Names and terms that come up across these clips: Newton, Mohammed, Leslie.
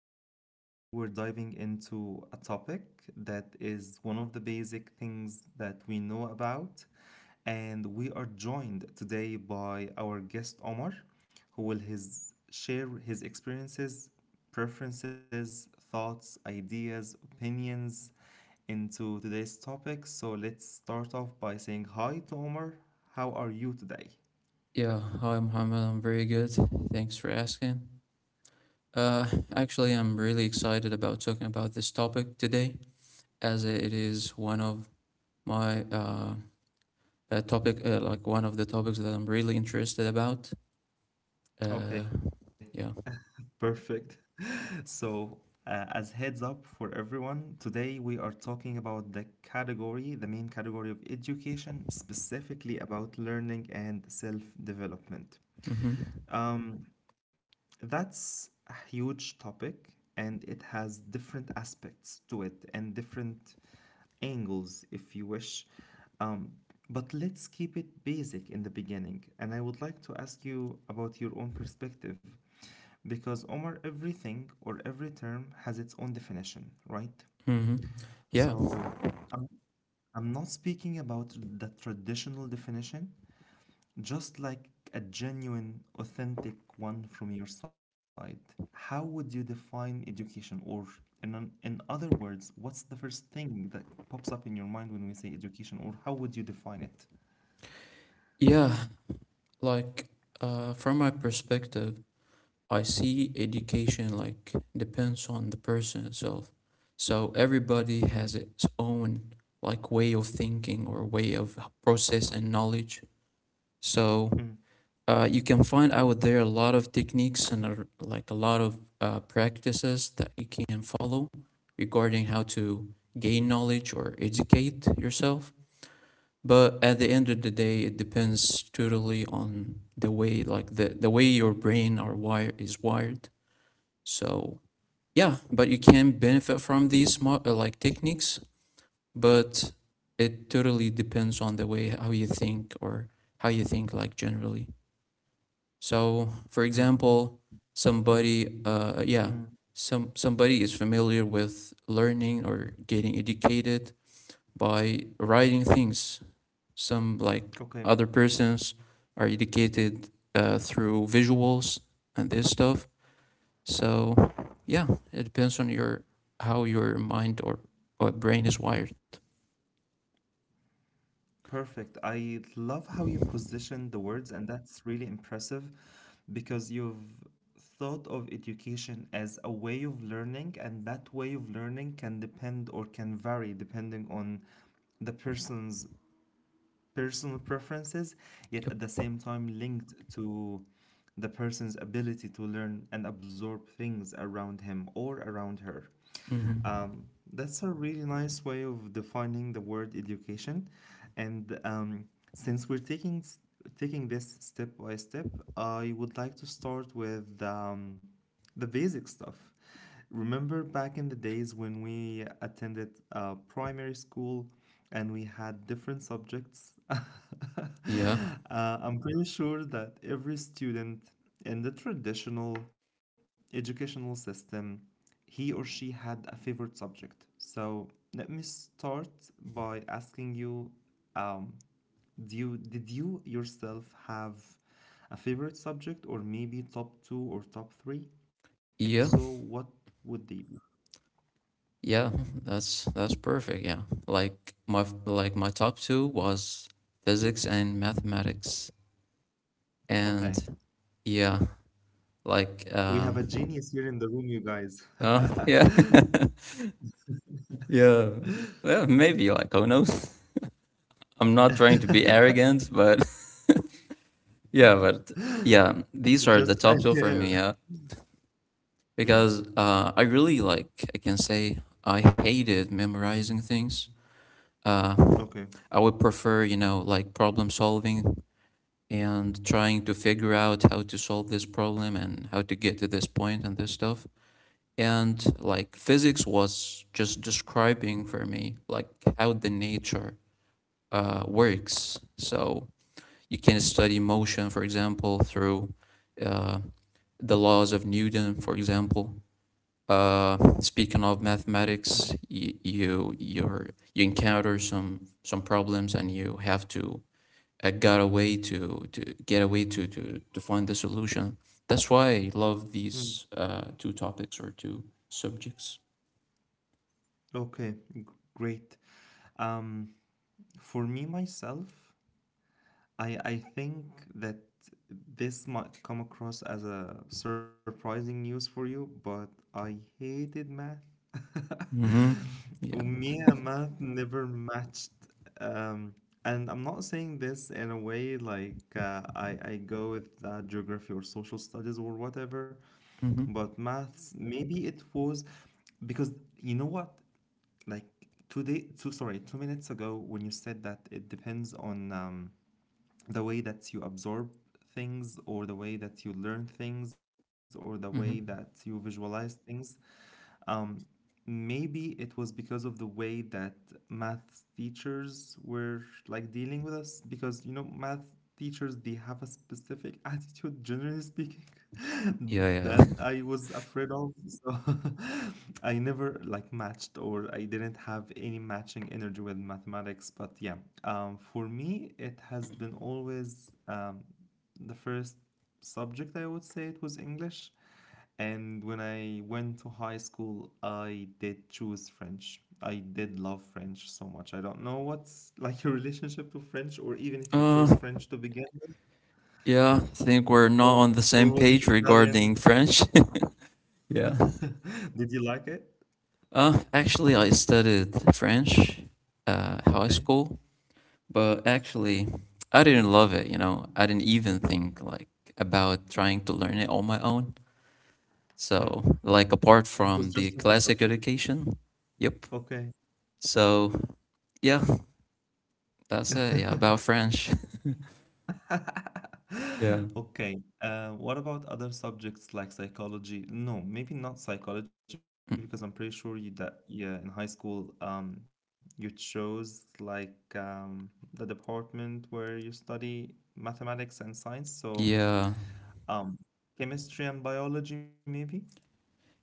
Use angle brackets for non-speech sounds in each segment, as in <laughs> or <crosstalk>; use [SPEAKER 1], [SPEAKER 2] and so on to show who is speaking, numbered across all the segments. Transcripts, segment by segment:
[SPEAKER 1] and today we're diving into a topic that is one of the basic things that we know about. And we are joined today by our guest Omar, who share his experiences, preferences, thoughts, ideas, opinions into today's topic. So let's start off by saying hi to Omar. How are you today?
[SPEAKER 2] Yeah, hi Mohammed. I'm very good. Thanks for asking. Uh, actually, I'm really excited about talking about this topic today, as it is one of my topic, like one of the topics that I'm really interested about. Uh,
[SPEAKER 1] Okay,
[SPEAKER 2] yeah.
[SPEAKER 1] perfect. So, as heads up for everyone, today we are talking about the category, the main category of education, specifically about learning and self development.
[SPEAKER 2] Mm-hmm.
[SPEAKER 1] Um, that's a huge topic and it has different aspects to it and different angles, if you wish. Um, but let's keep it basic in the beginning. And I would like to ask you about your own perspective. Because Omar, everything or every term has its own definition, right?
[SPEAKER 2] Mm-hmm. Yeah.
[SPEAKER 1] So I'm, I'm not speaking about the traditional definition, just like a genuine, authentic one from your side. How would you define education? Or, in other words, what's the first thing that pops up in your mind when we say education? Or how would you define it?
[SPEAKER 2] Yeah. Like, from my perspective, I see education like depends on the person itself. So everybody has
[SPEAKER 1] Mm,
[SPEAKER 2] its own like way of thinking or way of processing knowledge. So
[SPEAKER 1] mm,
[SPEAKER 2] you can find out there a lot of techniques and like a lot of practices that you can follow regarding how to gain knowledge or educate yourself. But at the end of the day, it depends totally on the way like the way your brain are wire is wired. So yeah, but you can benefit from these like techniques, but it totally depends on the way how you think or how you think like generally. So for
[SPEAKER 1] Perfect.
[SPEAKER 2] example,
[SPEAKER 1] Mm,
[SPEAKER 2] somebody
[SPEAKER 1] mm,
[SPEAKER 2] somebody is familiar with learning or getting educated by writing things. Some like
[SPEAKER 1] okay.
[SPEAKER 2] other persons are educated through visuals and this stuff. So yeah, it depends on your how your mind or brain is wired.
[SPEAKER 1] Perfect. I love how you position the words, and that's really impressive because you've thought of education as a way of learning, and that way of learning can depend or can vary depending on the person's personal preferences, yet
[SPEAKER 2] Yep.
[SPEAKER 1] at the same time linked to the person's ability to learn and absorb things around him or around her.
[SPEAKER 2] Hmm.
[SPEAKER 1] Um, that's a really nice way of defining the word education. And since we're taking taking this step by step, I would like to start with the basic stuff. Remember back in the days when we attended primary school and we had different subjects? <laughs>
[SPEAKER 2] Yeah.
[SPEAKER 1] I'm pretty sure that every student in the traditional educational system, he or she had a favorite subject. So let me start by asking you, um, did you yourself have a favorite subject or maybe top two or top three? If so,
[SPEAKER 2] Yeah.
[SPEAKER 1] what would they be?
[SPEAKER 2] Yeah. That's perfect. Yeah. Like my like my top two was physics and mathematics, and
[SPEAKER 1] Okay.
[SPEAKER 2] yeah, like
[SPEAKER 1] We have
[SPEAKER 2] um,
[SPEAKER 1] a genius here in the room, you guys.
[SPEAKER 2] uh, yeah,
[SPEAKER 1] <laughs>
[SPEAKER 2] <laughs> yeah, yeah. Maybe like who knows? I'm not trying to be arrogant, but <laughs> yeah, but yeah, these are the
[SPEAKER 1] Just <laughs>
[SPEAKER 2] top two for
[SPEAKER 1] yeah.
[SPEAKER 2] me. Yeah.
[SPEAKER 1] Mm,
[SPEAKER 2] Because I really like I can say I hated memorizing things. Uh,
[SPEAKER 1] okay.
[SPEAKER 2] I would prefer you know like problem solving and trying to figure out how to solve this problem and how to get to this point and this stuff. And like physics was just describing for me like how the nature works. So you can study motion, for example, through uh, the laws of Newton, for example. Speaking of
[SPEAKER 1] Mm,
[SPEAKER 2] mathematics, you're you encounter some problems and you have to got a way to get a way to find the solution. That's why I love
[SPEAKER 1] mm,
[SPEAKER 2] these two topics or two subjects.
[SPEAKER 1] okay. Great. Um, for me myself, I think that this might come across as a surprising news for you, but I hated math.
[SPEAKER 2] Mm-hmm. Yeah.
[SPEAKER 1] Me and math never matched. Um, and I'm not saying this in a way like I go with geography or social studies or whatever,
[SPEAKER 2] Mm-hmm.
[SPEAKER 1] but maths, maybe it was because you know what? Like today, 2 minutes ago when you said that it depends on the way that you absorb things or the way that you learn things or the way
[SPEAKER 2] Mm-hmm.
[SPEAKER 1] that you visualize things. Um, Maybe it was because of the way that math teachers were like dealing with us because you know math teachers they have a specific <laughs> attitude generally speaking
[SPEAKER 2] Yeah,
[SPEAKER 1] that
[SPEAKER 2] yeah.
[SPEAKER 1] I
[SPEAKER 2] <laughs>
[SPEAKER 1] was afraid of. So <laughs> I never like matched or I didn't have any matching energy with mathematics. But yeah, for me, it has been always the first subject I would say it was English. And when I went to high school, I did choose French. I did love French so much. I don't know what's like your <laughs> relationship to French, or even if you
[SPEAKER 2] yeah.
[SPEAKER 1] chose French to begin with,
[SPEAKER 2] Yeah, I think we're not
[SPEAKER 1] or,
[SPEAKER 2] on the same
[SPEAKER 1] or was it
[SPEAKER 2] page
[SPEAKER 1] Italian?
[SPEAKER 2] regarding French. <laughs> yeah.
[SPEAKER 1] <laughs> Did you like it?
[SPEAKER 2] Actually, I studied French, high
[SPEAKER 1] Okay.
[SPEAKER 2] school. But actually, I didn't love it, you know. I didn't even think like about trying to learn it on my own.
[SPEAKER 1] Hmm.
[SPEAKER 2] So, like apart
[SPEAKER 1] It
[SPEAKER 2] from
[SPEAKER 1] was
[SPEAKER 2] the
[SPEAKER 1] just like a
[SPEAKER 2] classic
[SPEAKER 1] subject.
[SPEAKER 2] education, yep.
[SPEAKER 1] Okay.
[SPEAKER 2] So, yeah, that's it. Yeah, about
[SPEAKER 1] <laughs>
[SPEAKER 2] French. <laughs> Yeah.
[SPEAKER 1] Okay. What about other subjects like psychology? No, maybe not psychology because I'm pretty sure you that yeah, in high school you chose like the department where you study mathematics and science. So
[SPEAKER 2] Yeah.
[SPEAKER 1] um chemistry and biology maybe?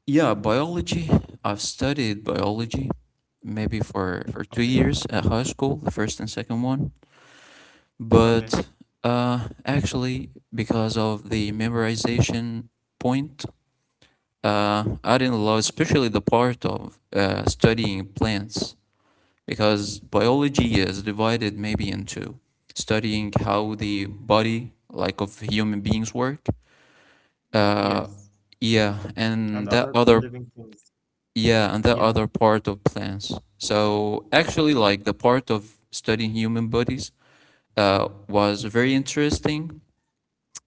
[SPEAKER 2] Yeah, biology. I've studied biology maybe for 2
[SPEAKER 1] Okay.
[SPEAKER 2] years at high school, the first and second one.
[SPEAKER 1] Okay.
[SPEAKER 2] But actually because of the memorization point, I didn't love especially the part of studying plants, because biology is divided maybe into studying how the body like of human beings work. Uh,
[SPEAKER 1] Yes.
[SPEAKER 2] yeah, and
[SPEAKER 1] And
[SPEAKER 2] that
[SPEAKER 1] other
[SPEAKER 2] other
[SPEAKER 1] living things.
[SPEAKER 2] yeah, and that
[SPEAKER 1] Yeah.
[SPEAKER 2] other part of plants. So actually, like the part of studying human bodies was very interesting,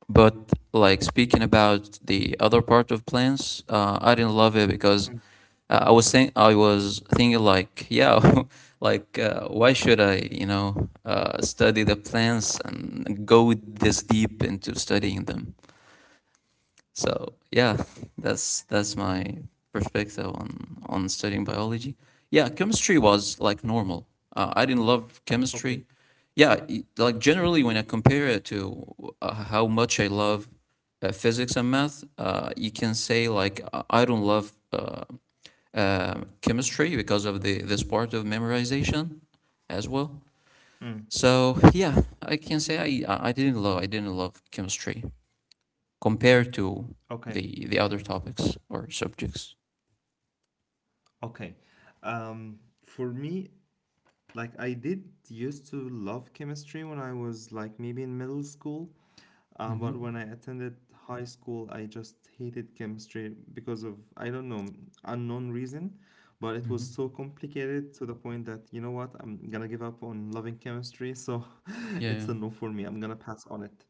[SPEAKER 2] but like speaking about the other part of plans, I didn't love it
[SPEAKER 1] Mm.
[SPEAKER 2] because I was thinking like, yeah, <laughs> like why should I, you know, study the plants and go this deep into studying them? So yeah, that's my perspective on studying biology. Yeah, chemistry was like normal. I didn't love chemistry.
[SPEAKER 1] Okay.
[SPEAKER 2] Yeah, like generally when I compare it to how much I love physics and math, you can say like I don't love chemistry because of the this part of memorization as well.
[SPEAKER 1] Mm,
[SPEAKER 2] So yeah, I can say I didn't love, I didn't love chemistry compared to
[SPEAKER 1] okay,
[SPEAKER 2] the other topics or subjects.
[SPEAKER 1] okay. For me, like I did used to love chemistry when I was like maybe in middle school,
[SPEAKER 2] Mm-hmm.
[SPEAKER 1] but when I attended high school, I just hated chemistry because of I don't know unknown reason, but it was
[SPEAKER 2] Mm-hmm.
[SPEAKER 1] so complicated to the point that you know what I'm gonna give up on loving chemistry, so <laughs>
[SPEAKER 2] Yeah. Yeah.
[SPEAKER 1] it's a no for me. I'm gonna pass on it.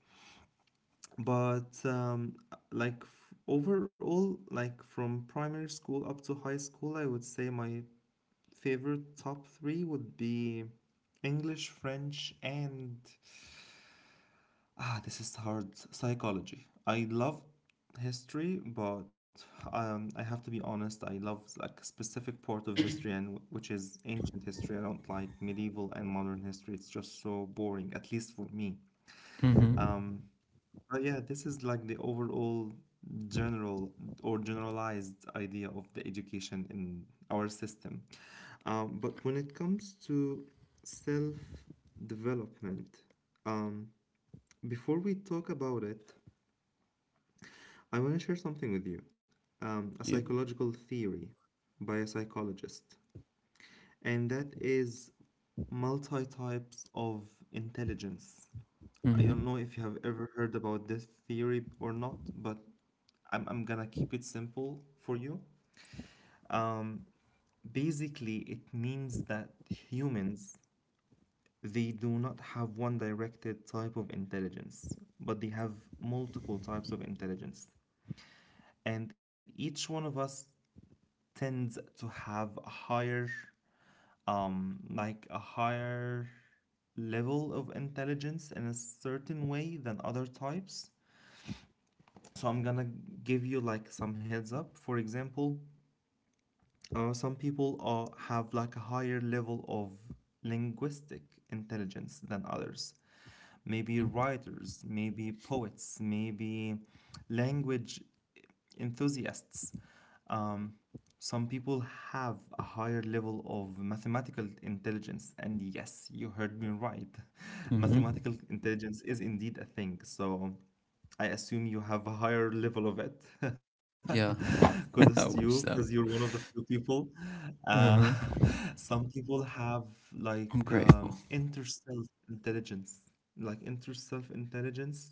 [SPEAKER 1] But like overall, like from primary school up to high school, I would say my favorite top three would be English, French, and this is hard. Psychology. I love history, but I have to be honest. I love like specific part of history, and which is ancient history. I don't like medieval and modern history. It's just so boring, at least for me.
[SPEAKER 2] Mm-hmm.
[SPEAKER 1] Um, but yeah, this is like the overall general or generalized idea of the education in our system. But when it comes to self development, um, before we talk about it, I want to share something with you a
[SPEAKER 2] Yep.
[SPEAKER 1] psychological theory by a psychologist, and that is multi types of intelligence. I don't
[SPEAKER 2] Mm-hmm.
[SPEAKER 1] know if you have ever heard about this theory or not, but I'm gonna keep it simple for you. Basically, it means that humans, they do not have one directed type of intelligence, but they have multiple types of intelligence. And each one of us tends to have a higher, like a higher level of intelligence in a certain way than other types. So I'm gonna give you like some heads up. For example, some people have like a higher level of linguistic intelligence than others, maybe writers, maybe poets, maybe language enthusiasts. um, some people have a higher level of mathematical intelligence, and yes you heard me right. <laughs>
[SPEAKER 2] Mm-hmm.
[SPEAKER 1] Mathematical intelligence is indeed a thing. So I assume you have a higher level of it.
[SPEAKER 2] Yeah.
[SPEAKER 1] <laughs> Kudos to
[SPEAKER 2] <laughs> I
[SPEAKER 1] you because
[SPEAKER 2] wish
[SPEAKER 1] you're
[SPEAKER 2] so.
[SPEAKER 1] one of the few people. Uh,
[SPEAKER 2] Uh-huh.
[SPEAKER 1] <laughs> some people have like
[SPEAKER 2] I'm grateful.
[SPEAKER 1] inter self intelligence. Like inter self intelligence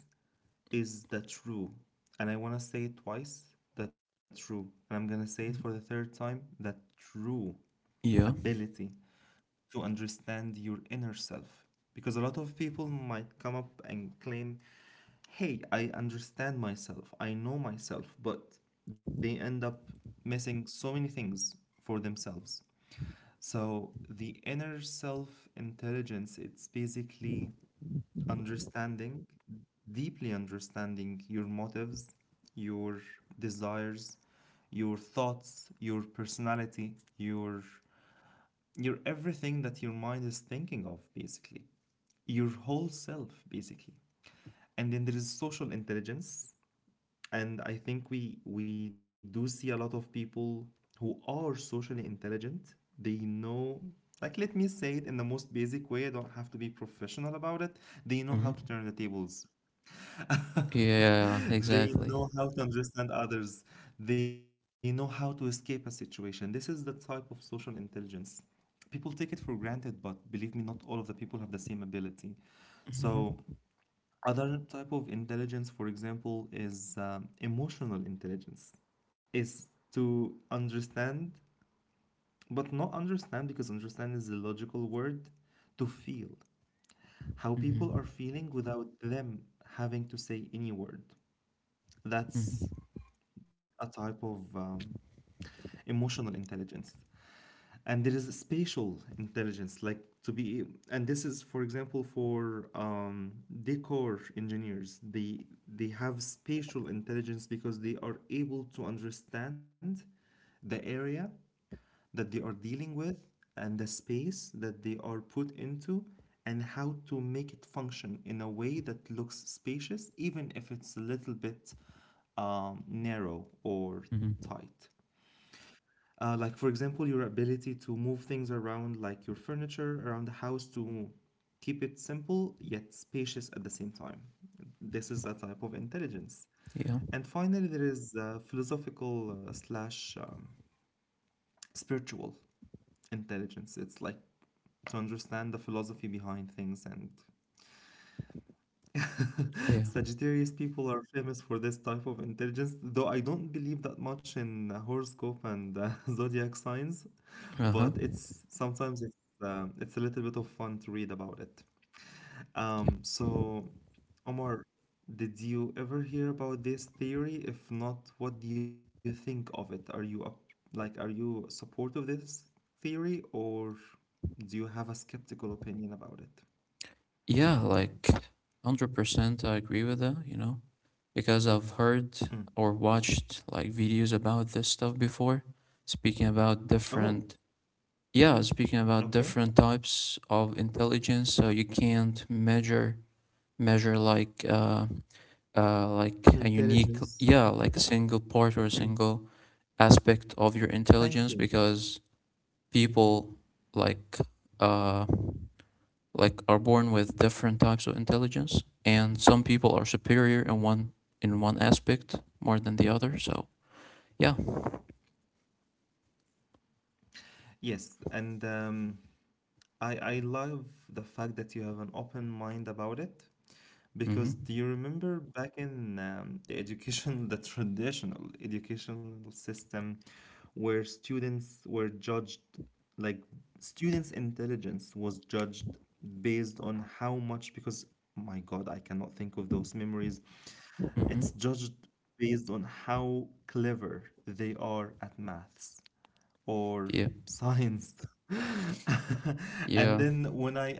[SPEAKER 1] is the true. And I want to say it twice, the true. And I'm going to say it for the third time, the true
[SPEAKER 2] Yeah.
[SPEAKER 1] ability to understand your inner self. Because a lot of people might come up and claim, hey, I understand myself, I know myself, but they end up missing so many things for themselves. So the inner self intelligence, it's basically understanding, deeply understanding your motives, your desires, your thoughts, your personality, your everything that your mind is thinking of basically. Your whole self basically. And then there is social intelligence, and I think we do see a lot of people who are socially intelligent. They know, like, let me say it in the most basic way, I don't have to be professional about it, they know how to
[SPEAKER 2] Mm-hmm.
[SPEAKER 1] turn the tables. <laughs>
[SPEAKER 2] Yeah.
[SPEAKER 1] They
[SPEAKER 2] Exactly.
[SPEAKER 1] know how to understand others, they know how to escape a situation. This is the type of social intelligence. People take it for granted but believe me, not all of the people have the same ability. So
[SPEAKER 2] Mm-hmm.
[SPEAKER 1] other type of intelligence, for example, is emotional intelligence. Is to understand, but not understand because understand is a logical word, to feel how people
[SPEAKER 2] Mm-hmm.
[SPEAKER 1] are feeling without them having to say any word.
[SPEAKER 2] Mm-hmm.
[SPEAKER 1] That's a type of emotional intelligence. And there is a spatial intelligence, like to be, and this is for example for decor engineers they have spatial intelligence because they are able to understand the area that they are dealing with and the space that they are put into and how to make it function in a way that looks spacious even if it's a little bit narrow or
[SPEAKER 2] Mm-hmm.
[SPEAKER 1] tight. Like, for example, your ability to move things around, like your furniture around the house, to keep it simple yet spacious at the same time. This is a type of intelligence.
[SPEAKER 2] Yeah.
[SPEAKER 1] And finally, there is philosophical slash spiritual intelligence. It's like to understand the philosophy behind things. And
[SPEAKER 2] Yeah.
[SPEAKER 1] Sagittarius people are famous for this type of intelligence, though I don't believe that much in horoscope and <laughs> zodiac signs.
[SPEAKER 2] Uh huh.
[SPEAKER 1] But it's sometimes it's a little bit of fun to read about it.
[SPEAKER 2] Yep.
[SPEAKER 1] So Omar, did you ever hear about this theory? If not, what do you think of it? Are you up, like are you support of this theory or do you have a skeptical opinion about it?
[SPEAKER 2] Yeah. Like 100%. I agree with that. You know. Because I've heard
[SPEAKER 1] Mm.
[SPEAKER 2] or watched like videos about this stuff before, speaking about
[SPEAKER 1] Oh,
[SPEAKER 2] yeah, speaking about
[SPEAKER 1] okay.
[SPEAKER 2] different types of intelligence. So you can't measure like a unique,
[SPEAKER 1] Intelligence.
[SPEAKER 2] yeah, like a single part or a
[SPEAKER 1] Mm.
[SPEAKER 2] single aspect of your
[SPEAKER 1] Thank you.
[SPEAKER 2] intelligence, because people like uh, like are born with different types of intelligence, and some people are superior in one aspect more than the other. So yeah.
[SPEAKER 1] Yes, and I love the fact that you have an open mind about it. Because do
[SPEAKER 2] Mm-hmm.
[SPEAKER 1] you remember back in the education, <laughs> the traditional educational system, where students were judged, like students' intelligence was judged based on how much, because my God, I cannot think of those memories.
[SPEAKER 2] Mm-hmm.
[SPEAKER 1] It's judged based on how clever they are at maths or
[SPEAKER 2] Yeah.
[SPEAKER 1] science. <laughs> And
[SPEAKER 2] Yeah.
[SPEAKER 1] then when I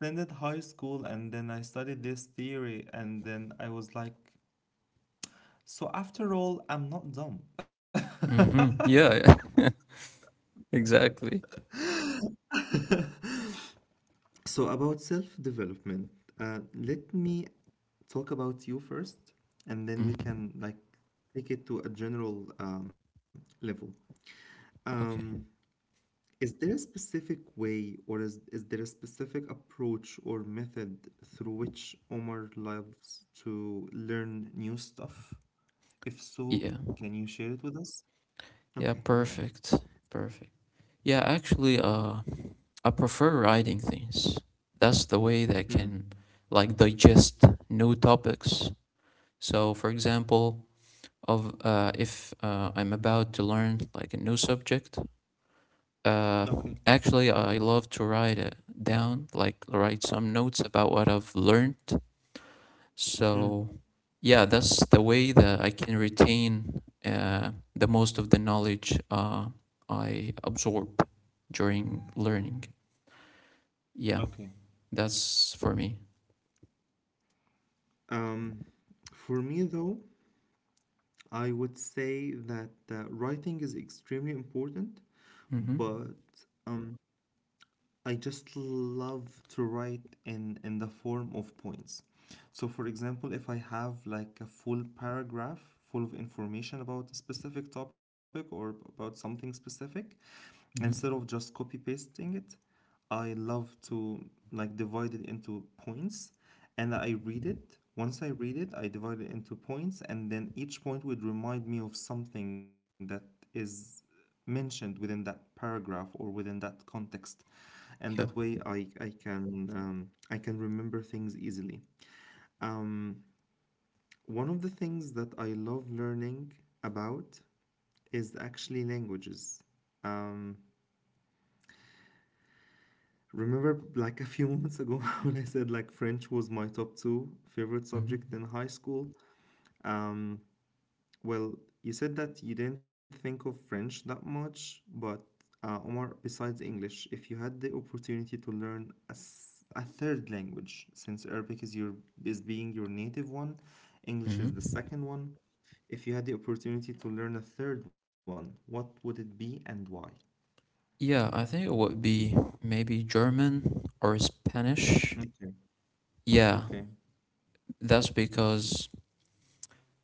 [SPEAKER 1] attended high school and then I studied this theory, and then I was like, so after all, I'm not dumb. <laughs>
[SPEAKER 2] Mm-hmm. Yeah. <laughs> exactly.
[SPEAKER 1] So about self-development, let me talk about you first, and then we
[SPEAKER 2] Hmm.
[SPEAKER 1] can take it to a general level. Um,
[SPEAKER 2] Okay.
[SPEAKER 1] Is there a specific way or is there a specific approach or method through which Omar loves to learn new stuff? If so,
[SPEAKER 2] Yeah.
[SPEAKER 1] can you share it with us?
[SPEAKER 2] Yeah.
[SPEAKER 1] Okay, go ahead.
[SPEAKER 2] Perfect. Perfect. Yeah. Actually, I prefer writing things. That's the way that I
[SPEAKER 1] Mm,
[SPEAKER 2] can like digest new topics. So, for example, of if I'm about to learn like a new subject, uh,
[SPEAKER 1] Okay.
[SPEAKER 2] actually, I love to write it down, like write some notes about what I've learned.
[SPEAKER 1] mm.
[SPEAKER 2] So yeah, that's the way that I can retain the most of the knowledge I absorb during learning. Yeah,
[SPEAKER 1] Okay.
[SPEAKER 2] that's for me.
[SPEAKER 1] Um, for me, though, I would say that writing is extremely important,
[SPEAKER 2] Mm-hmm.
[SPEAKER 1] but um, I just love to write in the form of points. So for example, if I have like a full paragraph full of information about a specific topic or about something specific, instead of
[SPEAKER 2] Mm-hmm.
[SPEAKER 1] just copy pasting it, I love to like divide it into points and I read it. Once I read it, I divide it into points and then each point would remind me of something that is mentioned within that paragraph or within that context, and that
[SPEAKER 2] Yep.
[SPEAKER 1] way I can I can remember things easily. um, One of the things that I love learning about is actually languages. um, Remember like a few moments ago <laughs> when I said like French was my top two favorite
[SPEAKER 2] Mm-hmm.
[SPEAKER 1] subject in high school. um, Well, you said that you didn't think of French that much, but Omar, besides English, if you had the opportunity to learn a, a third language, since Arabic is your is being your native one, English is
[SPEAKER 2] Mm-hmm.
[SPEAKER 1] the second one. If you had the opportunity to learn a third one, what would it be and why?
[SPEAKER 2] Yeah, I think it would be maybe German or Spanish.
[SPEAKER 1] Okay.
[SPEAKER 2] Yeah,
[SPEAKER 1] Okay.
[SPEAKER 2] that's because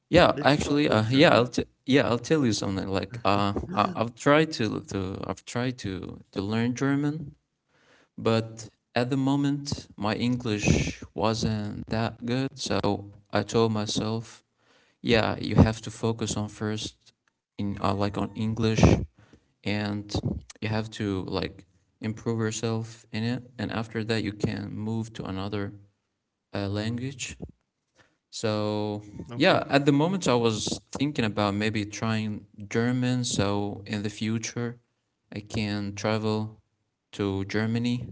[SPEAKER 2] yeah,
[SPEAKER 1] Let's
[SPEAKER 2] actually,
[SPEAKER 1] start with German.
[SPEAKER 2] I'll tell you something. I've tried to learn German. But at the moment, my English wasn't that good, so I told myself, yeah, you have to focus on first in like on English, and you have to like improve yourself in it, and after that, you can move to another language. So yeah,
[SPEAKER 1] Okay.
[SPEAKER 2] at the moment, I was thinking about maybe trying German, so in the future, I can travel to Germany.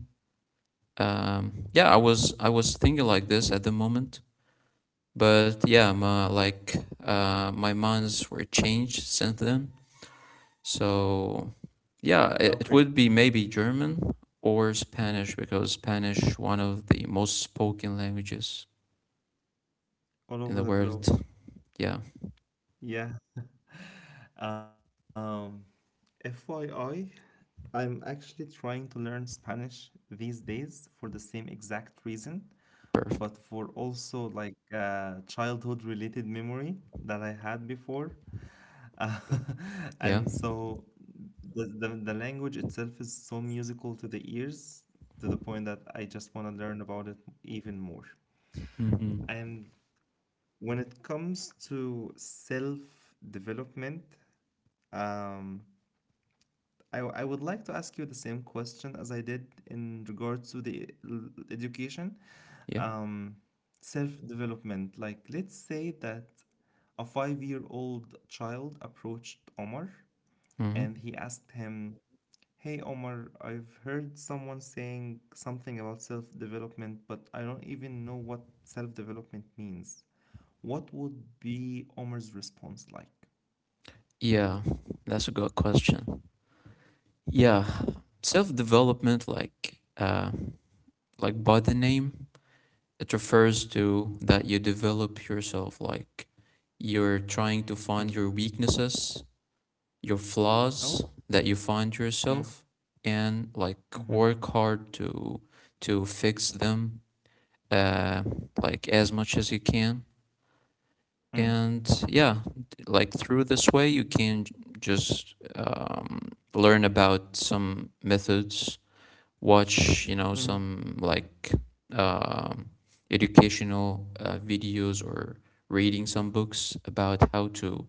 [SPEAKER 2] Yeah, I was thinking like this at the moment, but yeah, my minds were changed since then. So
[SPEAKER 1] Okay.
[SPEAKER 2] yeah, it would be maybe German or Spanish, because Spanish one of the most spoken languages
[SPEAKER 1] All
[SPEAKER 2] in the
[SPEAKER 1] over the globe.
[SPEAKER 2] world. Yeah,
[SPEAKER 1] Yeah. Um, FYI, I'm actually trying to learn Spanish these days for the same exact reason, but
[SPEAKER 2] perfect.
[SPEAKER 1] for also like childhood related memory that I had before. <laughs>
[SPEAKER 2] Yeah.
[SPEAKER 1] And so the language itself is so musical to the ears to the point that I just want to learn about it even more.
[SPEAKER 2] Mm-hmm.
[SPEAKER 1] And when it comes to self development, um, I would like to ask you the same question as I did in regards to the education,
[SPEAKER 2] Yeah.
[SPEAKER 1] um, self-development. Like, let's say that a five-year-old child approached Omar
[SPEAKER 2] Mm-hmm.
[SPEAKER 1] and he asked him, "Hey, Omar, I've heard someone saying something about self-development, but I don't even know what self-development means." What would be Omar's response like?
[SPEAKER 2] Yeah, that's a good question. Yeah, self development like by the name, it refers to that you develop yourself like you're trying to find
[SPEAKER 1] Mm.
[SPEAKER 2] your weaknesses, your flaws
[SPEAKER 1] Oh,
[SPEAKER 2] that you find
[SPEAKER 1] mm,
[SPEAKER 2] yourself, and like
[SPEAKER 1] mhm,
[SPEAKER 2] work hard to fix them, uh, like as much as you can.
[SPEAKER 1] mm,
[SPEAKER 2] And yeah, like through this way you can just learn about some methods, watch you know
[SPEAKER 1] mm,
[SPEAKER 2] some like um educational videos, or reading some books about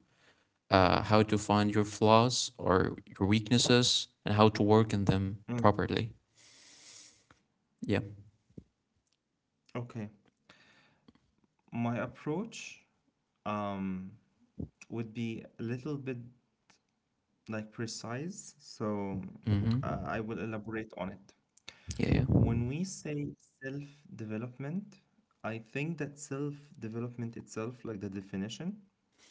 [SPEAKER 2] how to find your flaws or your weaknesses and how to work on them
[SPEAKER 1] mm.
[SPEAKER 2] properly. Yeah.
[SPEAKER 1] Okay. My approach um, would be a little bit like precise, so
[SPEAKER 2] Mm-hmm.
[SPEAKER 1] I will elaborate on it.
[SPEAKER 2] Yeah. Yeah.
[SPEAKER 1] When we say self-development, I think that self-development itself, like the definition,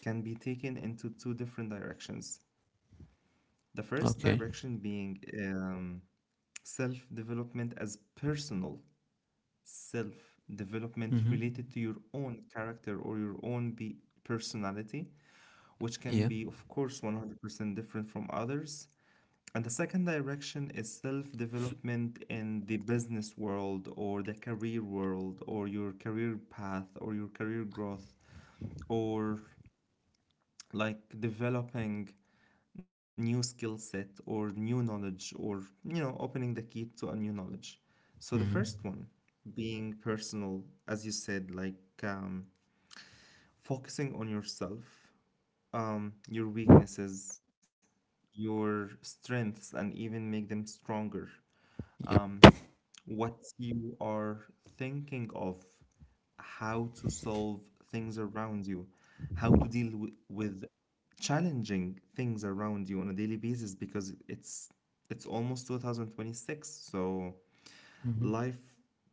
[SPEAKER 1] can be taken into two different directions. The first
[SPEAKER 2] Okay.
[SPEAKER 1] direction being um, self-development as personal self-development
[SPEAKER 2] Mm-hmm.
[SPEAKER 1] related to your own character or your own be personality, which can
[SPEAKER 2] Yeah.
[SPEAKER 1] be, of course, 100% different from others. And the second direction is self development in the business world or the career world or your career path or your career growth, or like developing new skill set or new knowledge or, you know, opening the key to a new knowledge. So the
[SPEAKER 2] Mm-hmm.
[SPEAKER 1] first one being personal, as you said, like um, focusing on yourself, your weaknesses, your strengths, and even make them stronger. Um,
[SPEAKER 2] Yep.
[SPEAKER 1] what you are thinking of, how to solve things around you, how to deal with challenging things around you on a daily basis, because it's almost 2026, so
[SPEAKER 2] Mm-hmm.
[SPEAKER 1] life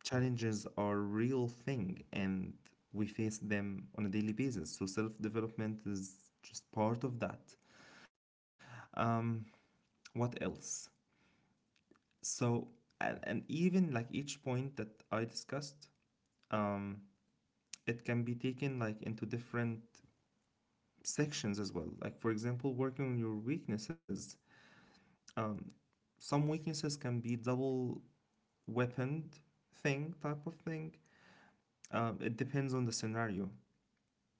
[SPEAKER 1] challenges are real thing and we face them on a daily basis, so self development is just part of that. um, what else? So, and even like each point that I discussed, um, it can be taken like into different sections as well. Like, for example, working on your weaknesses. Um, some weaknesses can be double weaponed thing type of thing. It depends on the scenario.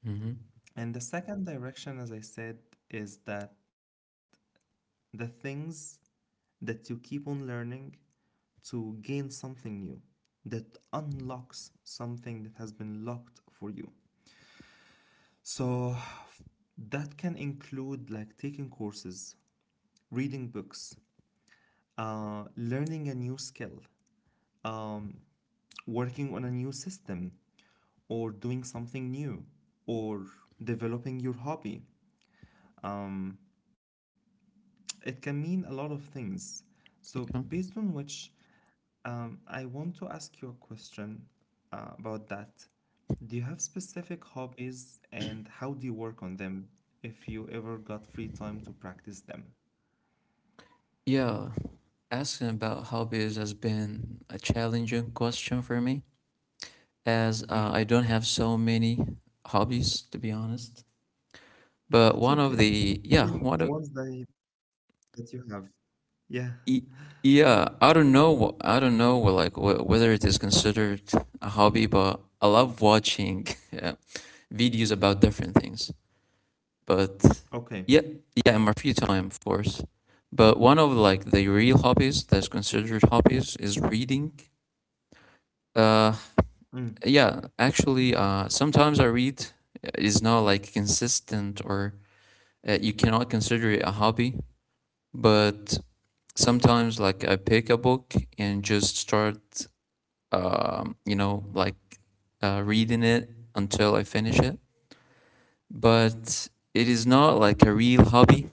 [SPEAKER 2] Mm-hmm.
[SPEAKER 1] And the second direction, as I said, is that the things that you keep on learning to gain something new that unlocks something that has been locked for you. So that can include like taking courses, reading books, learning a new skill, um, working on a new system, or doing something new, or developing your hobby. Um, it can mean a lot of things. So,
[SPEAKER 2] Yeah.
[SPEAKER 1] based on which, I want to ask you a question about that. Do you have specific hobbies and how do you work on them if you ever got free time to practice them?
[SPEAKER 2] Yeah. Asking about hobbies has been a challenging question for me, as
[SPEAKER 1] Mm,
[SPEAKER 2] I don't have so many hobbies, to be honest. But one
[SPEAKER 1] that's
[SPEAKER 2] of
[SPEAKER 1] okay.
[SPEAKER 2] the yeah, one
[SPEAKER 1] Even
[SPEAKER 2] of
[SPEAKER 1] the ones that, that you have. Yeah,
[SPEAKER 2] y- yeah, I don't know, whether it is considered a hobby, but I love watching <laughs> yeah, videos about different things. But
[SPEAKER 1] okay.
[SPEAKER 2] yeah, yeah, in my free time, of course. But one of like the real hobbies that's considered hobbies is reading. Uh,
[SPEAKER 1] Mm.
[SPEAKER 2] yeah, actually, sometimes I read. It's not like consistent or you cannot consider it a hobby, but sometimes like I pick a book and just start, you know, like reading it until I finish it. But it is not like a real hobby.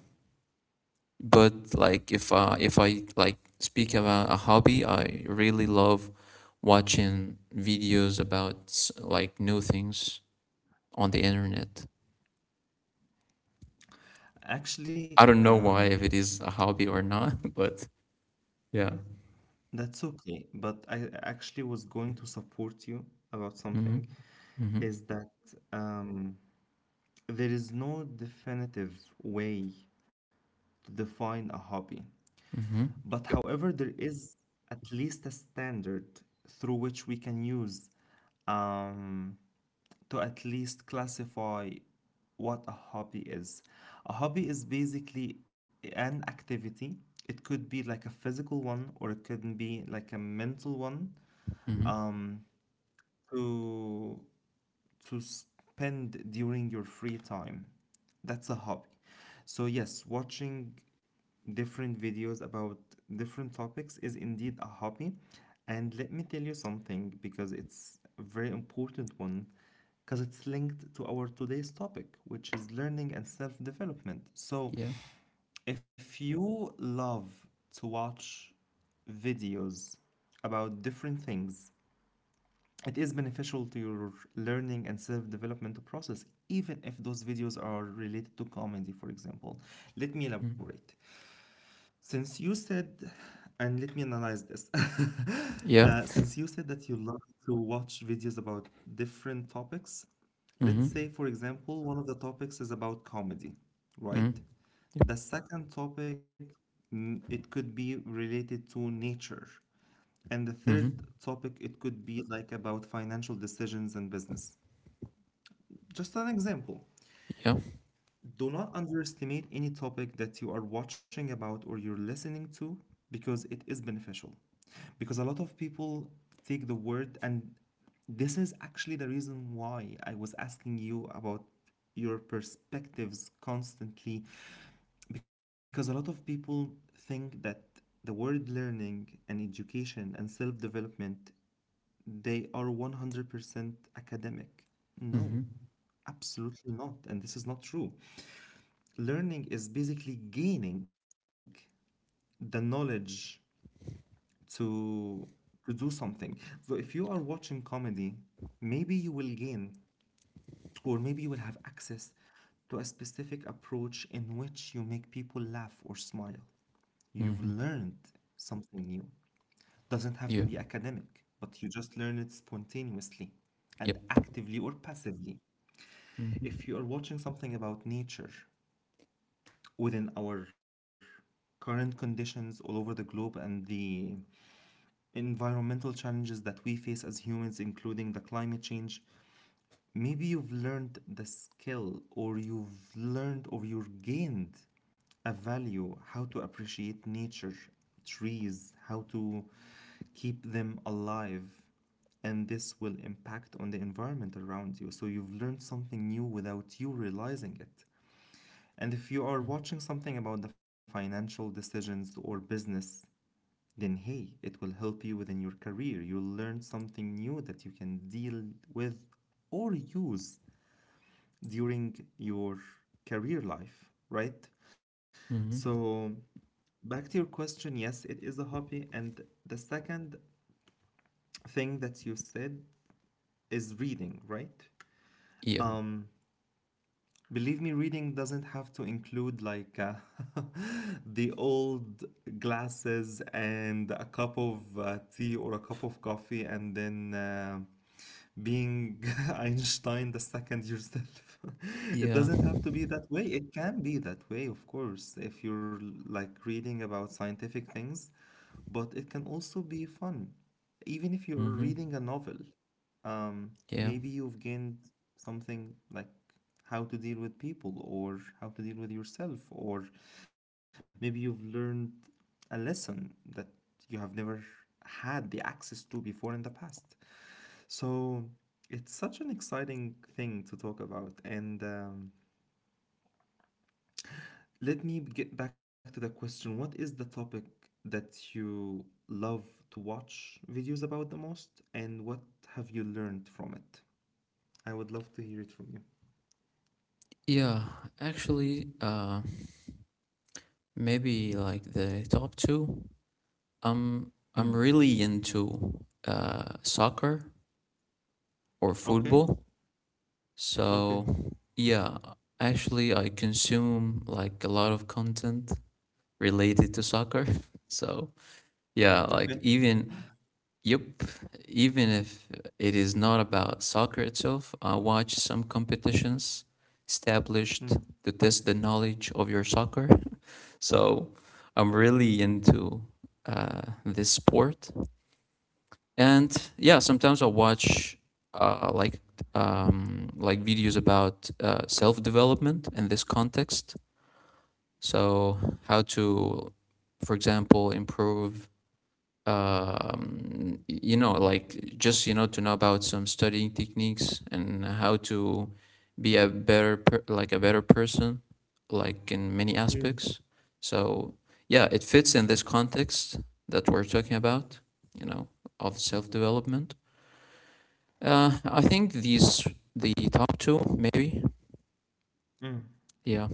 [SPEAKER 2] But like if I like speak about a hobby, I really love watching videos about like new things on the internet.
[SPEAKER 1] Actually,
[SPEAKER 2] I don't know why if it is a hobby or not, <laughs> but yeah.
[SPEAKER 1] that's okay. But I actually was going to support you about
[SPEAKER 2] Mm-hmm.
[SPEAKER 1] something,
[SPEAKER 2] Mm-hmm.
[SPEAKER 1] is that um, there is no definitive way to define a hobby.
[SPEAKER 2] Mm-hmm.
[SPEAKER 1] But
[SPEAKER 2] Yep.
[SPEAKER 1] however, there is at least a standard through which we can use um, to at least classify what a hobby is. A hobby is basically an activity. It could be like a physical one or it could be like a mental one,
[SPEAKER 2] Mm-hmm.
[SPEAKER 1] um, to, to spend during your free time. That's a hobby. So, yes, watching different videos about different topics is indeed a hobby. And let me tell you something, because it's a very important one, because it's linked to our today's topic, which is learning and self development. So,
[SPEAKER 2] Yeah.
[SPEAKER 1] if you love to watch videos about different things, it is beneficial to your learning and self development process, even if those videos are related to comedy, for example. Let me
[SPEAKER 2] Mm.
[SPEAKER 1] elaborate. Since you said, and let me analyze this, <laughs>
[SPEAKER 2] Yeah.
[SPEAKER 1] since you said that you love to watch videos about different topics,
[SPEAKER 2] Mm-hmm.
[SPEAKER 1] let's say, for example, one of the topics is about comedy,
[SPEAKER 2] Mm.
[SPEAKER 1] right?
[SPEAKER 2] Yep.
[SPEAKER 1] The second topic, mm, it could be related to nature. And the third
[SPEAKER 2] Mm-hmm.
[SPEAKER 1] topic, it could be like about financial decisions and business. Just an example.
[SPEAKER 2] Yeah.
[SPEAKER 1] Do not underestimate any topic that you are watching about or you're listening to, because it is beneficial. Because a lot of people take the word, and this is actually the reason why I was asking you about your perspectives constantly. Because a lot of people think that the word learning and education and self development, they are 100% academic.
[SPEAKER 2] Mm-hmm.
[SPEAKER 1] No, absolutely not. And this is not true. Learning is basically gaining the knowledge to to do something. So if you are watching comedy, maybe you will gain or maybe you will have access to a specific approach in which you make people laugh or smile. You've
[SPEAKER 2] Mm-hmm.
[SPEAKER 1] learned something new. Doesn't have
[SPEAKER 2] Yeah.
[SPEAKER 1] to be academic, but you just learn it spontaneously and
[SPEAKER 2] Yep.
[SPEAKER 1] actively or passively.
[SPEAKER 2] Mm-hmm.
[SPEAKER 1] If you are watching something about nature within our current conditions all over the globe and the environmental challenges that we face as humans, including the climate change, maybe you've learned the skill or you've learned or you've gained a value how to appreciate nature, trees, how to keep them alive. And this will impact on the environment around you. So you've learned something new without you realizing it. And if you are watching something about the financial decisions or business, then hey, it will help you within your career. You'll learn something new that you can deal with or use during your career life, right?
[SPEAKER 2] Mm-hmm.
[SPEAKER 1] So, back to your question, yes, it is a hobby. And the second thing that you said is reading, right?
[SPEAKER 2] Yeah.
[SPEAKER 1] Um, Believe me, reading doesn't have to include like <laughs> the old glasses and a cup of tea or a cup of coffee and then being <laughs> Einstein the second yourself. <laughs> It
[SPEAKER 2] Yeah.
[SPEAKER 1] doesn't have to be that way. It can be that way, of course, if you're like reading about scientific things, but it can also be fun. Even if you're
[SPEAKER 2] Mm-hmm.
[SPEAKER 1] reading a novel, um,
[SPEAKER 2] Yeah.
[SPEAKER 1] maybe you've gained something like how to deal with people or how to deal with yourself, or maybe you've learned a lesson that you have never had the access to before in the past. So it's such an exciting thing to talk about, and let me get back to the question. What is the topic that you love to watch videos about the most, and what have you learned from it? I would love to hear it from you.
[SPEAKER 2] Yeah. Actually, maybe like the top two. I'm
[SPEAKER 1] Mm.
[SPEAKER 2] really into soccer or
[SPEAKER 1] Okay.
[SPEAKER 2] football.
[SPEAKER 1] Okay.
[SPEAKER 2] So yeah, actually, I consume like a lot of content related to soccer. <laughs> So yeah,
[SPEAKER 1] Okay.
[SPEAKER 2] like even yep, even if it is not about soccer itself, I watch some competitions established
[SPEAKER 1] Mm.
[SPEAKER 2] to test the knowledge of your soccer. So I'm really into this sport, and yeah, sometimes I watch uh, like like videos about self development in this context. So how to, for example, improve you know, like just you know to know about some studying techniques and how to be a like a better person, like in many
[SPEAKER 1] Mm.
[SPEAKER 2] aspects. So yeah, it fits in this context that we're talking about, you know, of self development. I think these the top two maybe,
[SPEAKER 1] Mm.
[SPEAKER 2] yeah.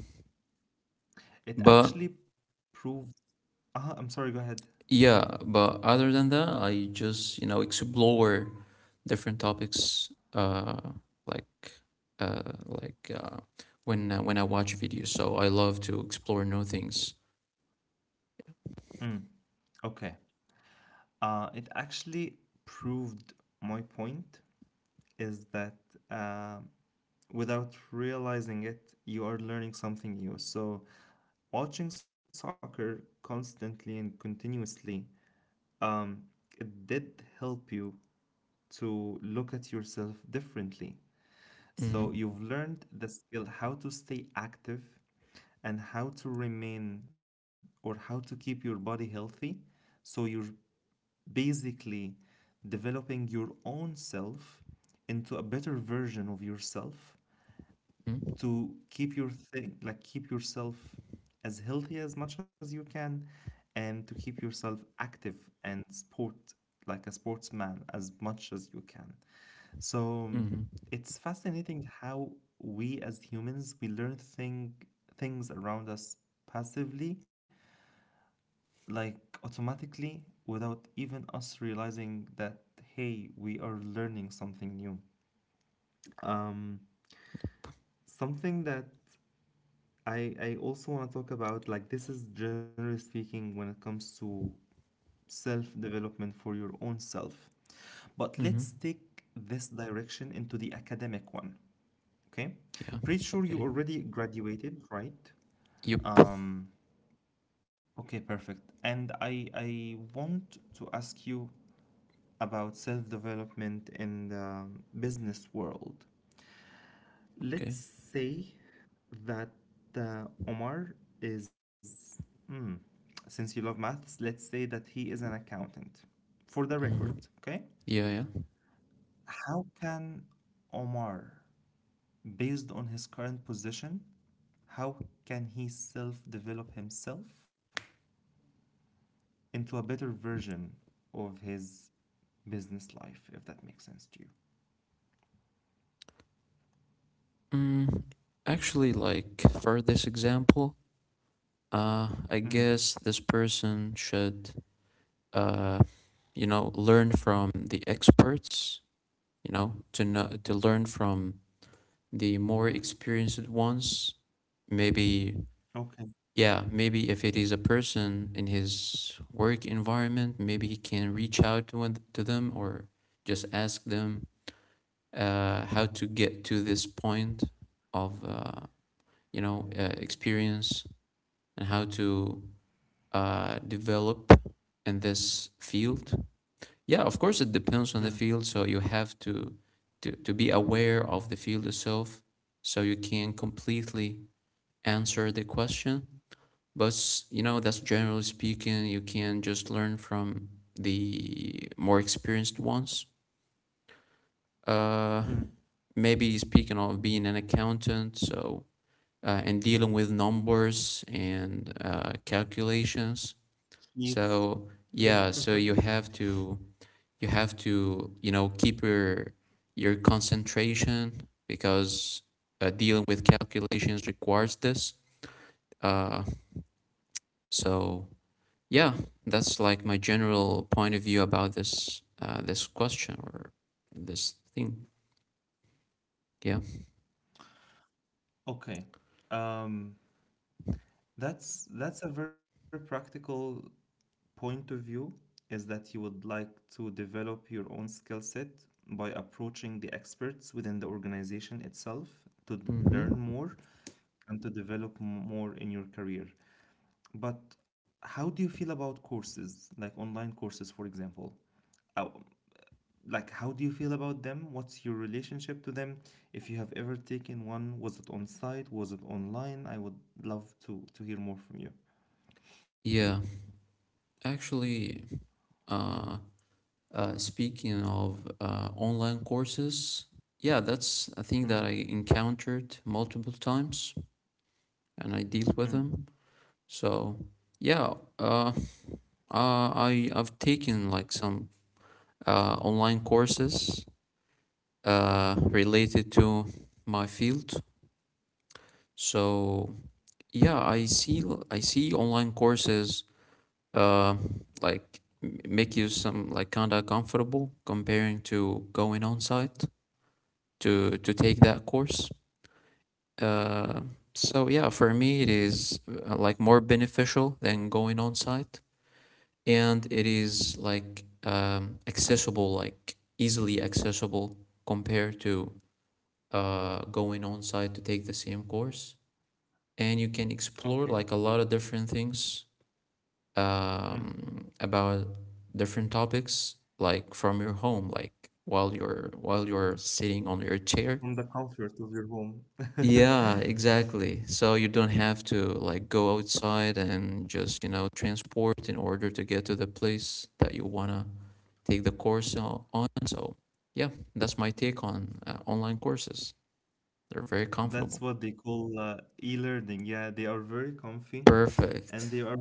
[SPEAKER 1] It actually
[SPEAKER 2] But
[SPEAKER 1] proved. I'm sorry. Go ahead.
[SPEAKER 2] yeah, but other than that, I just, you know, explore different topics like uh like uh when I watch videos. So I love to explore new things.
[SPEAKER 1] Mm. Okay. It actually proved my point is that uh, without realizing it, you are learning something new. So watching soccer constantly and continuously, um, it did help you to look at yourself differently.
[SPEAKER 2] Mm-hmm.
[SPEAKER 1] So you've learned the skill how to stay active and how to remain or how to keep your body healthy. So you're basically developing your own self into a better version of yourself
[SPEAKER 2] Mm-hmm.
[SPEAKER 1] to keep your thing like keep yourself as healthy as much as you can and to keep yourself active and sport like a sportsman as much as you can So it's fascinating how we as humans we learn things around us passively like automatically without even us realizing that hey we are learning something new. um Something that I also want to talk about, like, this is generally speaking when it comes to self-development for your own self. But let's
[SPEAKER 2] Mm-hmm.
[SPEAKER 1] take this direction into the academic one, okay?
[SPEAKER 2] Yeah.
[SPEAKER 1] Pretty sure you
[SPEAKER 2] Okay.
[SPEAKER 1] already graduated, right?
[SPEAKER 2] Yep.
[SPEAKER 1] Um, okay, perfect. And I want to ask you about self-development in the business world.
[SPEAKER 2] Okay.
[SPEAKER 1] Let's say that Omar is, mm, since you love maths, let's say that he is an accountant. For the record,
[SPEAKER 2] Mm-hmm.
[SPEAKER 1] okay?
[SPEAKER 2] Yeah, yeah.
[SPEAKER 1] How can Omar, based on his current position, how can he self develop himself into a better version of his business life, if that makes sense to you?
[SPEAKER 2] Mm, Actually, like for this example, I
[SPEAKER 1] Mm,
[SPEAKER 2] guess this person should, uh, you know, learn from the experts, you know, to know to learn from the more experienced ones maybe.
[SPEAKER 1] okay.
[SPEAKER 2] Yeah, maybe if it is a person in his work environment, maybe he can reach out to, to them or just ask them how to get to this point of you know, experience and how to develop in this field. Yeah, of course it depends on the
[SPEAKER 1] Mm,
[SPEAKER 2] field, so you have to be aware of the field itself so you can completely answer the question. But you know, that's generally speaking, you can just learn from the more experienced ones. Uh,
[SPEAKER 1] mm.
[SPEAKER 2] Maybe speaking of being an accountant, so and dealing with numbers and calculations.
[SPEAKER 1] He's,
[SPEAKER 2] So
[SPEAKER 1] yeah.
[SPEAKER 2] yeah, so
[SPEAKER 1] <laughs>
[SPEAKER 2] you have to you know keep your concentration because dealing with calculations requires this, uh, so yeah, that's like my general point of view about this question or this thing, yeah
[SPEAKER 1] Okay. Um, that's a very practical point of view, is that you would like to develop your own skill set by approaching the experts within the organization itself to
[SPEAKER 2] hmm
[SPEAKER 1] learn more and to develop more in your career. But how do you feel about courses, like online courses, for example? How- Like, how do you feel about them? What's your relationship to them? If you have ever taken one, was it on site? Was it online? I would love to hear more from you.
[SPEAKER 2] yeah, actually, uh, speaking of online courses, yeah, that's a thing
[SPEAKER 1] Mm,
[SPEAKER 2] that I encountered multiple times and I deal with
[SPEAKER 1] mm.
[SPEAKER 2] them. So yeah, I I've taken like some online courses related to my field. So yeah, I see online courses uh, like make you some like kind of comfortable comparing to going on site to take that course. Uh, so yeah, for me it is like more beneficial than going on site, and it is like accessible, like easily accessible compared to going on site to take the same course. And you can
[SPEAKER 1] Okay.
[SPEAKER 2] explore like a lot of different things
[SPEAKER 1] Mm.
[SPEAKER 2] about different topics, like from your home, like while you're sitting on your chair.
[SPEAKER 1] From the comfort of your home.
[SPEAKER 2] Yeah,
[SPEAKER 1] <laughs>
[SPEAKER 2] exactly. So you don't have to like go outside and just, you know, transport in order to get to the place that you wanna take the course on. So yeah, that's my take on online courses. They're very
[SPEAKER 1] That's
[SPEAKER 2] comfortable.
[SPEAKER 1] what they call e-learning. Yeah, they are very comfy
[SPEAKER 2] Perfect.
[SPEAKER 1] and they are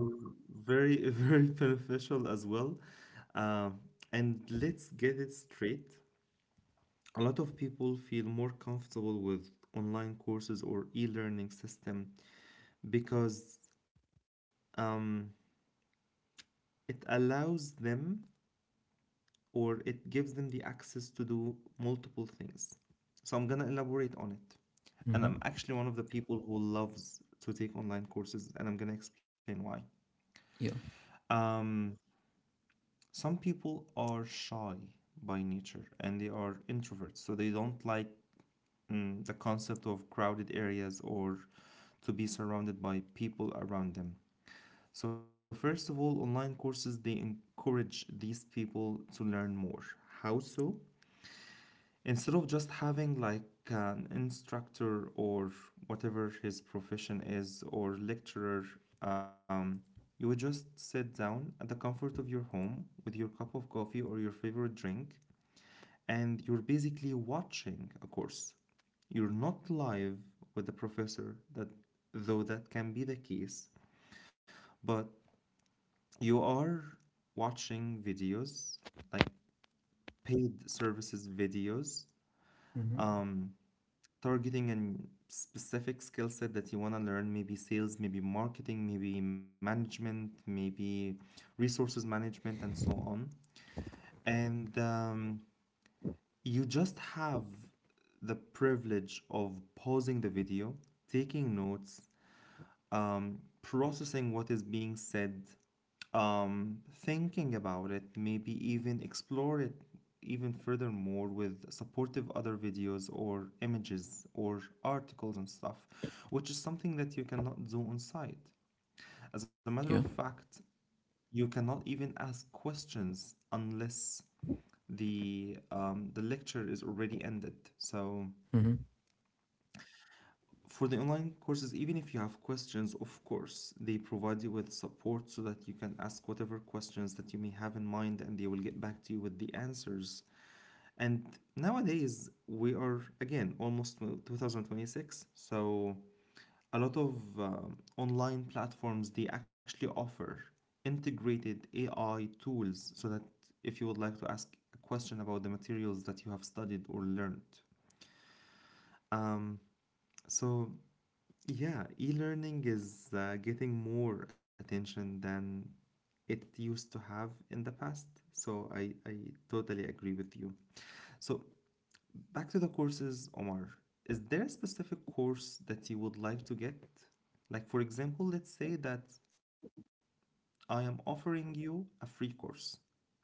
[SPEAKER 1] very, <laughs> very beneficial as well. Um, and let's get it straight. A lot of people feel more comfortable with online courses or e-learning system because um, it allows them or it gives them the access to do multiple things. So I'm gonna elaborate on it, and I'm
[SPEAKER 2] Mm-hmm.
[SPEAKER 1] actually one of the people who loves to take online courses, and I'm gonna explain why.
[SPEAKER 2] Yeah.
[SPEAKER 1] Um, some people are shy by nature and they are introverts, so they don't like, the concept of crowded areas or to be surrounded by people around them. So, first of all, online courses they encourage these people to learn more. How so? Instead of just having like an instructor or whatever his profession is or lecturer, um, you would just sit down at the comfort of your home with your cup of coffee or your favorite drink and you're basically watching a course. You're not live with the professor, that though that can be the case, but you are watching videos, like paid services videos,
[SPEAKER 2] Mm-hmm.
[SPEAKER 1] um, targeting a specific skill set that you want to learn, maybe sales, maybe marketing, maybe management, maybe resources management and so on. And you just have the privilege of pausing the video, taking notes, processing what is being said, um, thinking about it, maybe even explore it even furthermore with supportive other videos or images or articles and stuff, which is something that you cannot do on site. As a matter
[SPEAKER 2] Yeah.
[SPEAKER 1] of fact, you cannot even ask questions unless the lecture is already ended. So
[SPEAKER 2] Mm-hmm.
[SPEAKER 1] for the online courses, even if you have questions, of course, they provide you with support so that you can ask whatever questions that you may have in mind and they will get back to you with the answers. And nowadays, we are again almost 2026, so a lot of online platforms they actually offer integrated AI tools so that if you would like to ask a question about the materials that you have studied or learned. Um, so yeah, e-learning is getting more attention than it used to have in the past. So I totally agree with you. So back to the courses, Omar. Is there a specific course that you would like to get? Like, for example, let's say that I am offering you a free course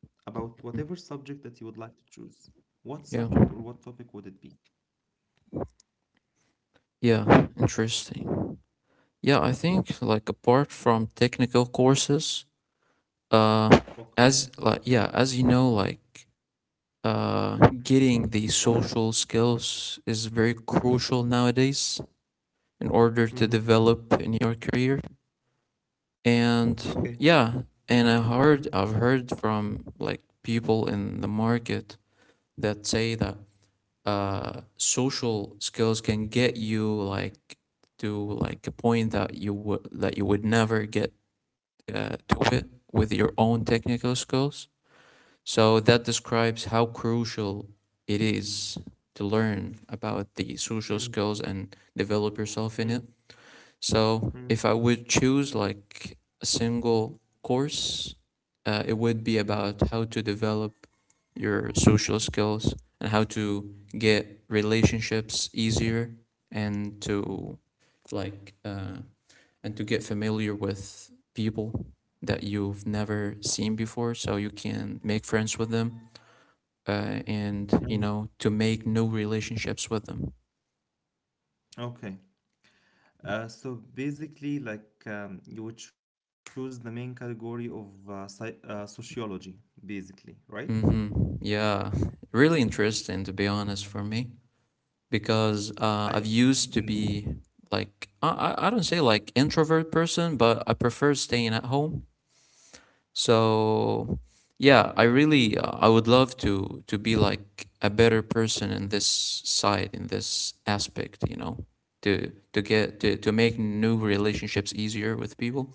[SPEAKER 1] about whatever subject that you would like to choose. What
[SPEAKER 2] Yeah.
[SPEAKER 1] subject or what topic would it be?
[SPEAKER 2] Yeah. Interesting. Yeah, I think like apart from technical courses, uh,
[SPEAKER 1] Okay.
[SPEAKER 2] as like yeah, as you know, like uh, getting the social skills is very crucial nowadays in order to
[SPEAKER 1] Mm-hmm.
[SPEAKER 2] develop in your career. And
[SPEAKER 1] Okay.
[SPEAKER 2] yeah, and I've heard from like people in the market that say that uh, social skills can get you like to like a point that you would never get to it with your own technical skills, so that describes how crucial it is to learn about the social
[SPEAKER 1] Mm,
[SPEAKER 2] skills and develop yourself in it.
[SPEAKER 1] mm,
[SPEAKER 2] So if I
[SPEAKER 1] mm,
[SPEAKER 2] would choose like a single course, it would be about how to develop your social skills and how to get relationships easier and to like uh, and to get familiar with people that you've never seen before so you can make friends with them, and you know,
[SPEAKER 1] mm.
[SPEAKER 2] to make new relationships with them.
[SPEAKER 1] Okay. So basically, like you would choose the main category of psy sociology, basically, right?
[SPEAKER 2] Hmm, yeah, really interesting to be honest for me, because I've
[SPEAKER 1] I
[SPEAKER 2] used to be
[SPEAKER 1] indeed.
[SPEAKER 2] like don't say like introvert person, but I prefer staying at home. So yeah, I really I would love to be like a better person in this side, in this aspect, you know, to to make new relationships easier with people.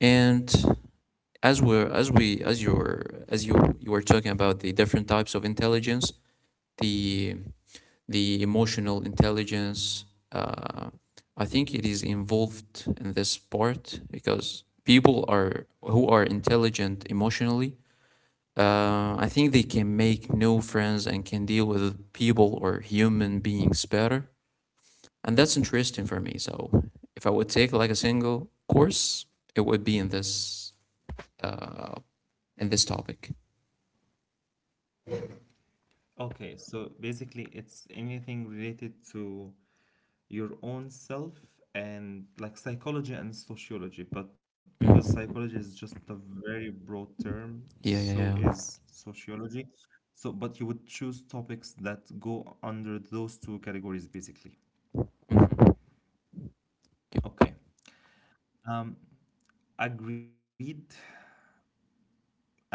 [SPEAKER 2] And as we're as we as you're as you you were talking about the different types of intelligence, the the emotional intelligence. Uh, I think it is involved in this part because people are who are intelligent emotionally. I think they can make new friends and can deal with people or human beings better, and that's interesting for me. So if I would take like a single course, it would be uh, in this topic.
[SPEAKER 1] Okay, so basically, it's anything related to your own self and like psychology and sociology. But because
[SPEAKER 2] Mhm.
[SPEAKER 1] psychology is just a very broad term,
[SPEAKER 2] Yeah,
[SPEAKER 1] so
[SPEAKER 2] yeah,
[SPEAKER 1] is
[SPEAKER 2] yeah.
[SPEAKER 1] sociology. So, but you would choose topics that go under those two categories, basically. Okay. Um, agreed. I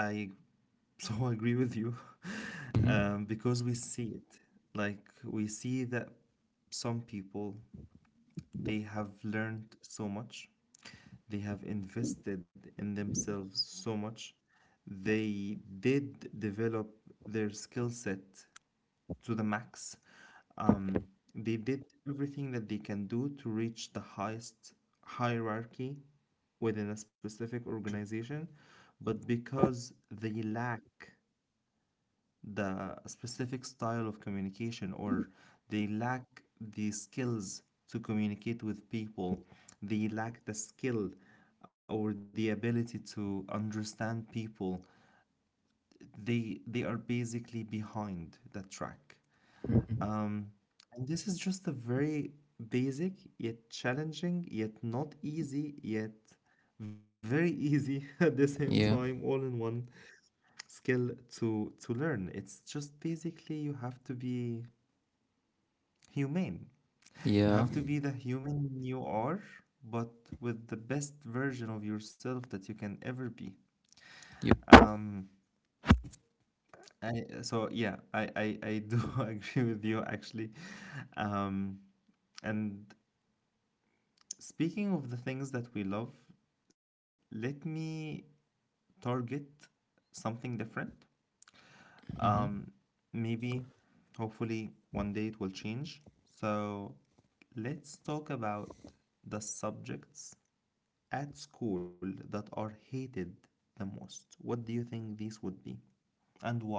[SPEAKER 1] so <laughs> agree with you <laughs>
[SPEAKER 2] Mhm. Mhm.
[SPEAKER 1] because we see it. Like, we see that some people, they have learned so much, they have invested in themselves so much, they did develop their skill set to the max. Um, they did everything that they can do to reach the highest hierarchy within a specific organization, but because they lack the specific style of communication or they lack the skills to communicate with people, they lack the skill or the ability to understand people, they are basically behind the track.
[SPEAKER 2] Mhm.
[SPEAKER 1] Um, and this is just a very basic, yet challenging, yet not easy, yet very easy <laughs> at the same
[SPEAKER 2] Yeah,
[SPEAKER 1] time, all in one skill to learn. It's just basically you have to be humane. You
[SPEAKER 2] yeah.
[SPEAKER 1] have to be the human you are, but with the best version of yourself that you can ever be.
[SPEAKER 2] Yep.
[SPEAKER 1] Um, I, so yeah, I do <laughs> agree with you actually. Um, and speaking of the things that we love, let me target something different.
[SPEAKER 2] hmm
[SPEAKER 1] Um, maybe, hopefully, one day it will change. So, let's talk about the subjects at school that are hated the most. What do you think these would be, and why?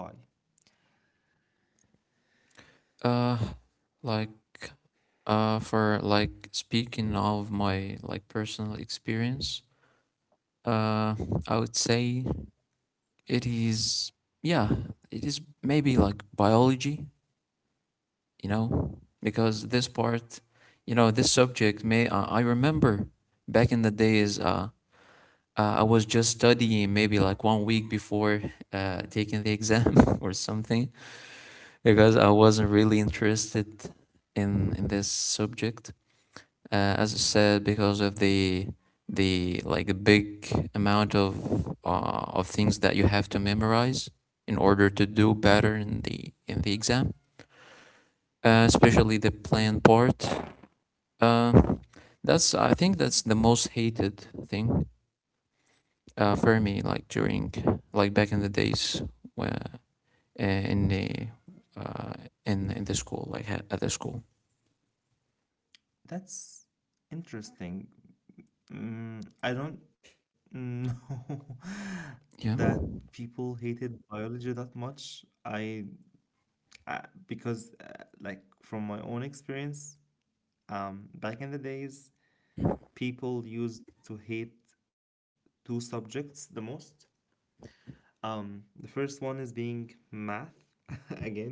[SPEAKER 2] Uh, like for like speaking of my like personal experience, uh, I would say it is yeah, it is maybe like biology, you know, because this part, you know, this subject may I remember back in the days, I was just studying maybe like 1 week before uh, taking the exam <laughs> or something because I wasn't really interested in this subject, as I said, because of the like big amount of things that you have to memorize in order to do better in the exam, especially the
[SPEAKER 1] Mm.
[SPEAKER 2] plan part. Uh, that's I think that's the most hated thing for me. Like during like back in the days when in the uh, in the school, like at the school.
[SPEAKER 1] That's interesting. I don't know <laughs> that
[SPEAKER 2] Yeah.
[SPEAKER 1] people hated biology that much. I because like from my own experience, back in the days, people used to hate two subjects the most. The first one is being math <laughs> again,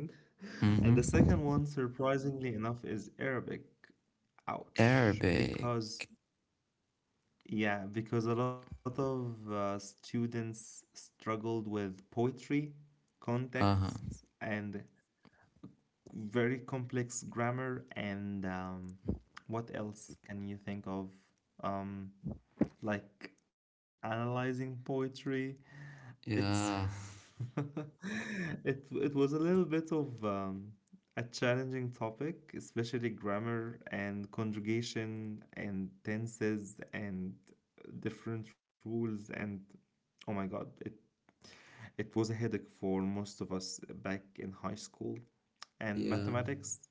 [SPEAKER 1] and the second
[SPEAKER 2] Mm-hmm.
[SPEAKER 1] one, surprisingly enough, is Arabic. Ouch,
[SPEAKER 2] Arabic.
[SPEAKER 1] because yeah, because a lot of students struggled with poetry,
[SPEAKER 2] Uh huh.
[SPEAKER 1] contexts, and very complex grammar. And what else can you think of? Um, like analyzing poetry, it's
[SPEAKER 2] Yeah.
[SPEAKER 1] <laughs> it was a little bit of a challenging topic, especially grammar and conjugation and tenses and different rules and oh my God, it was a headache for most of us back in high school. And
[SPEAKER 2] Yeah.
[SPEAKER 1] mathematics,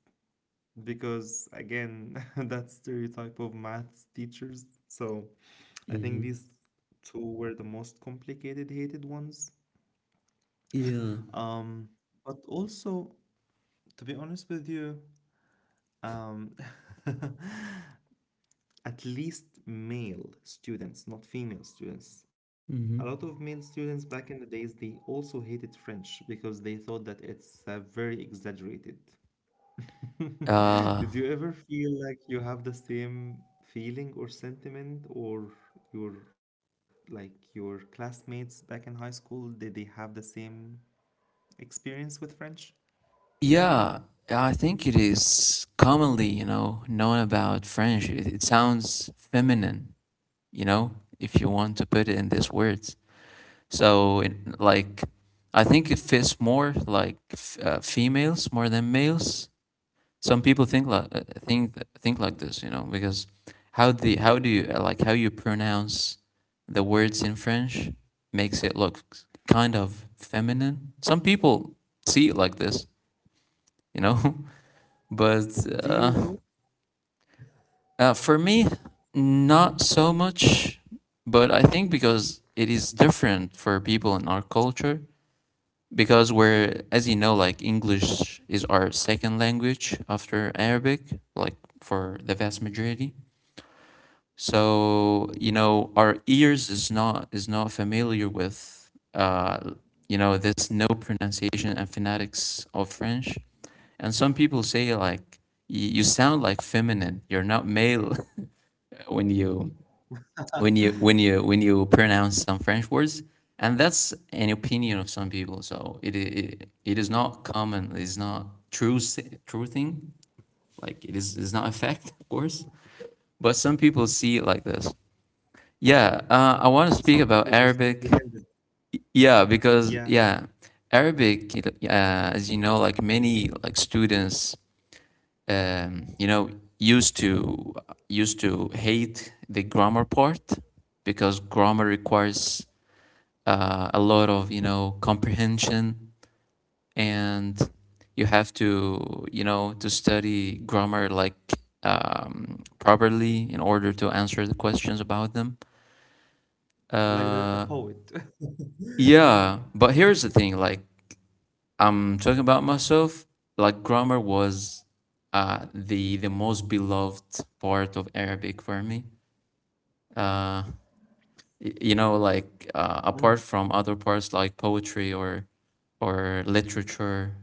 [SPEAKER 1] because again, <laughs> that stereotype of maths teachers. So I think
[SPEAKER 2] Hmm.
[SPEAKER 1] these two were the most complicated hated ones.
[SPEAKER 2] Yeah.
[SPEAKER 1] Um, but also, to be honest with you, um, <laughs> at least male students, not female students. A lot of male
[SPEAKER 2] Hmm.
[SPEAKER 1] students back in the days, they also hated French because they thought that it's very exaggerated. <laughs>
[SPEAKER 2] Uh,
[SPEAKER 1] Did you ever feel like you have the same feeling or sentiment, or your like your classmates back in high school? Did they have the same experience with French?
[SPEAKER 2] yeah, I think it is commonly, you know, known about French. It sounds feminine, you know, if you want to put it in these words. So, in, like, I think it fits more like females more than males. Some people think like think like this, you know, because how do you like how you pronounce the words in French makes it look kind of feminine. Some people see it like this, you know, <laughs> but
[SPEAKER 1] Do you
[SPEAKER 2] uh,
[SPEAKER 1] though?
[SPEAKER 2] for me, not so much. But I think because it is different for people in our culture, because we're, as you know, like English is our second language after Arabic, like for the vast majority. So, you know, our ears is not familiar with you know, this no pronunciation and phonetics of French. And some people say like you sound like feminine. You're not male <laughs> when you when you when you when you pronounce some French words. And that's an opinion of some people. So it is not common. It's not true true thing. Like it is, it's not a fact, <laughs> of course. But some people see it like this. Yeah, I want to
[SPEAKER 1] Some
[SPEAKER 2] speak
[SPEAKER 1] people
[SPEAKER 2] about
[SPEAKER 1] just
[SPEAKER 2] Arabic.
[SPEAKER 1] comprehended.
[SPEAKER 2] Yeah, because
[SPEAKER 1] Yeah,
[SPEAKER 2] yeah, Arabic, you as you know, like many like students, you know, used to used to hate the grammar part because grammar requires a lot of you know comprehension, and you have to you know to study grammar like properly in order to answer the questions about them.
[SPEAKER 1] like the
[SPEAKER 2] Uh,
[SPEAKER 1] poet. <laughs>
[SPEAKER 2] Yeah, but here's the thing, like I'm talking about myself, like grammar was the most beloved part of Arabic for me. Uh you know, like
[SPEAKER 1] Mm,
[SPEAKER 2] apart from other parts like poetry or literature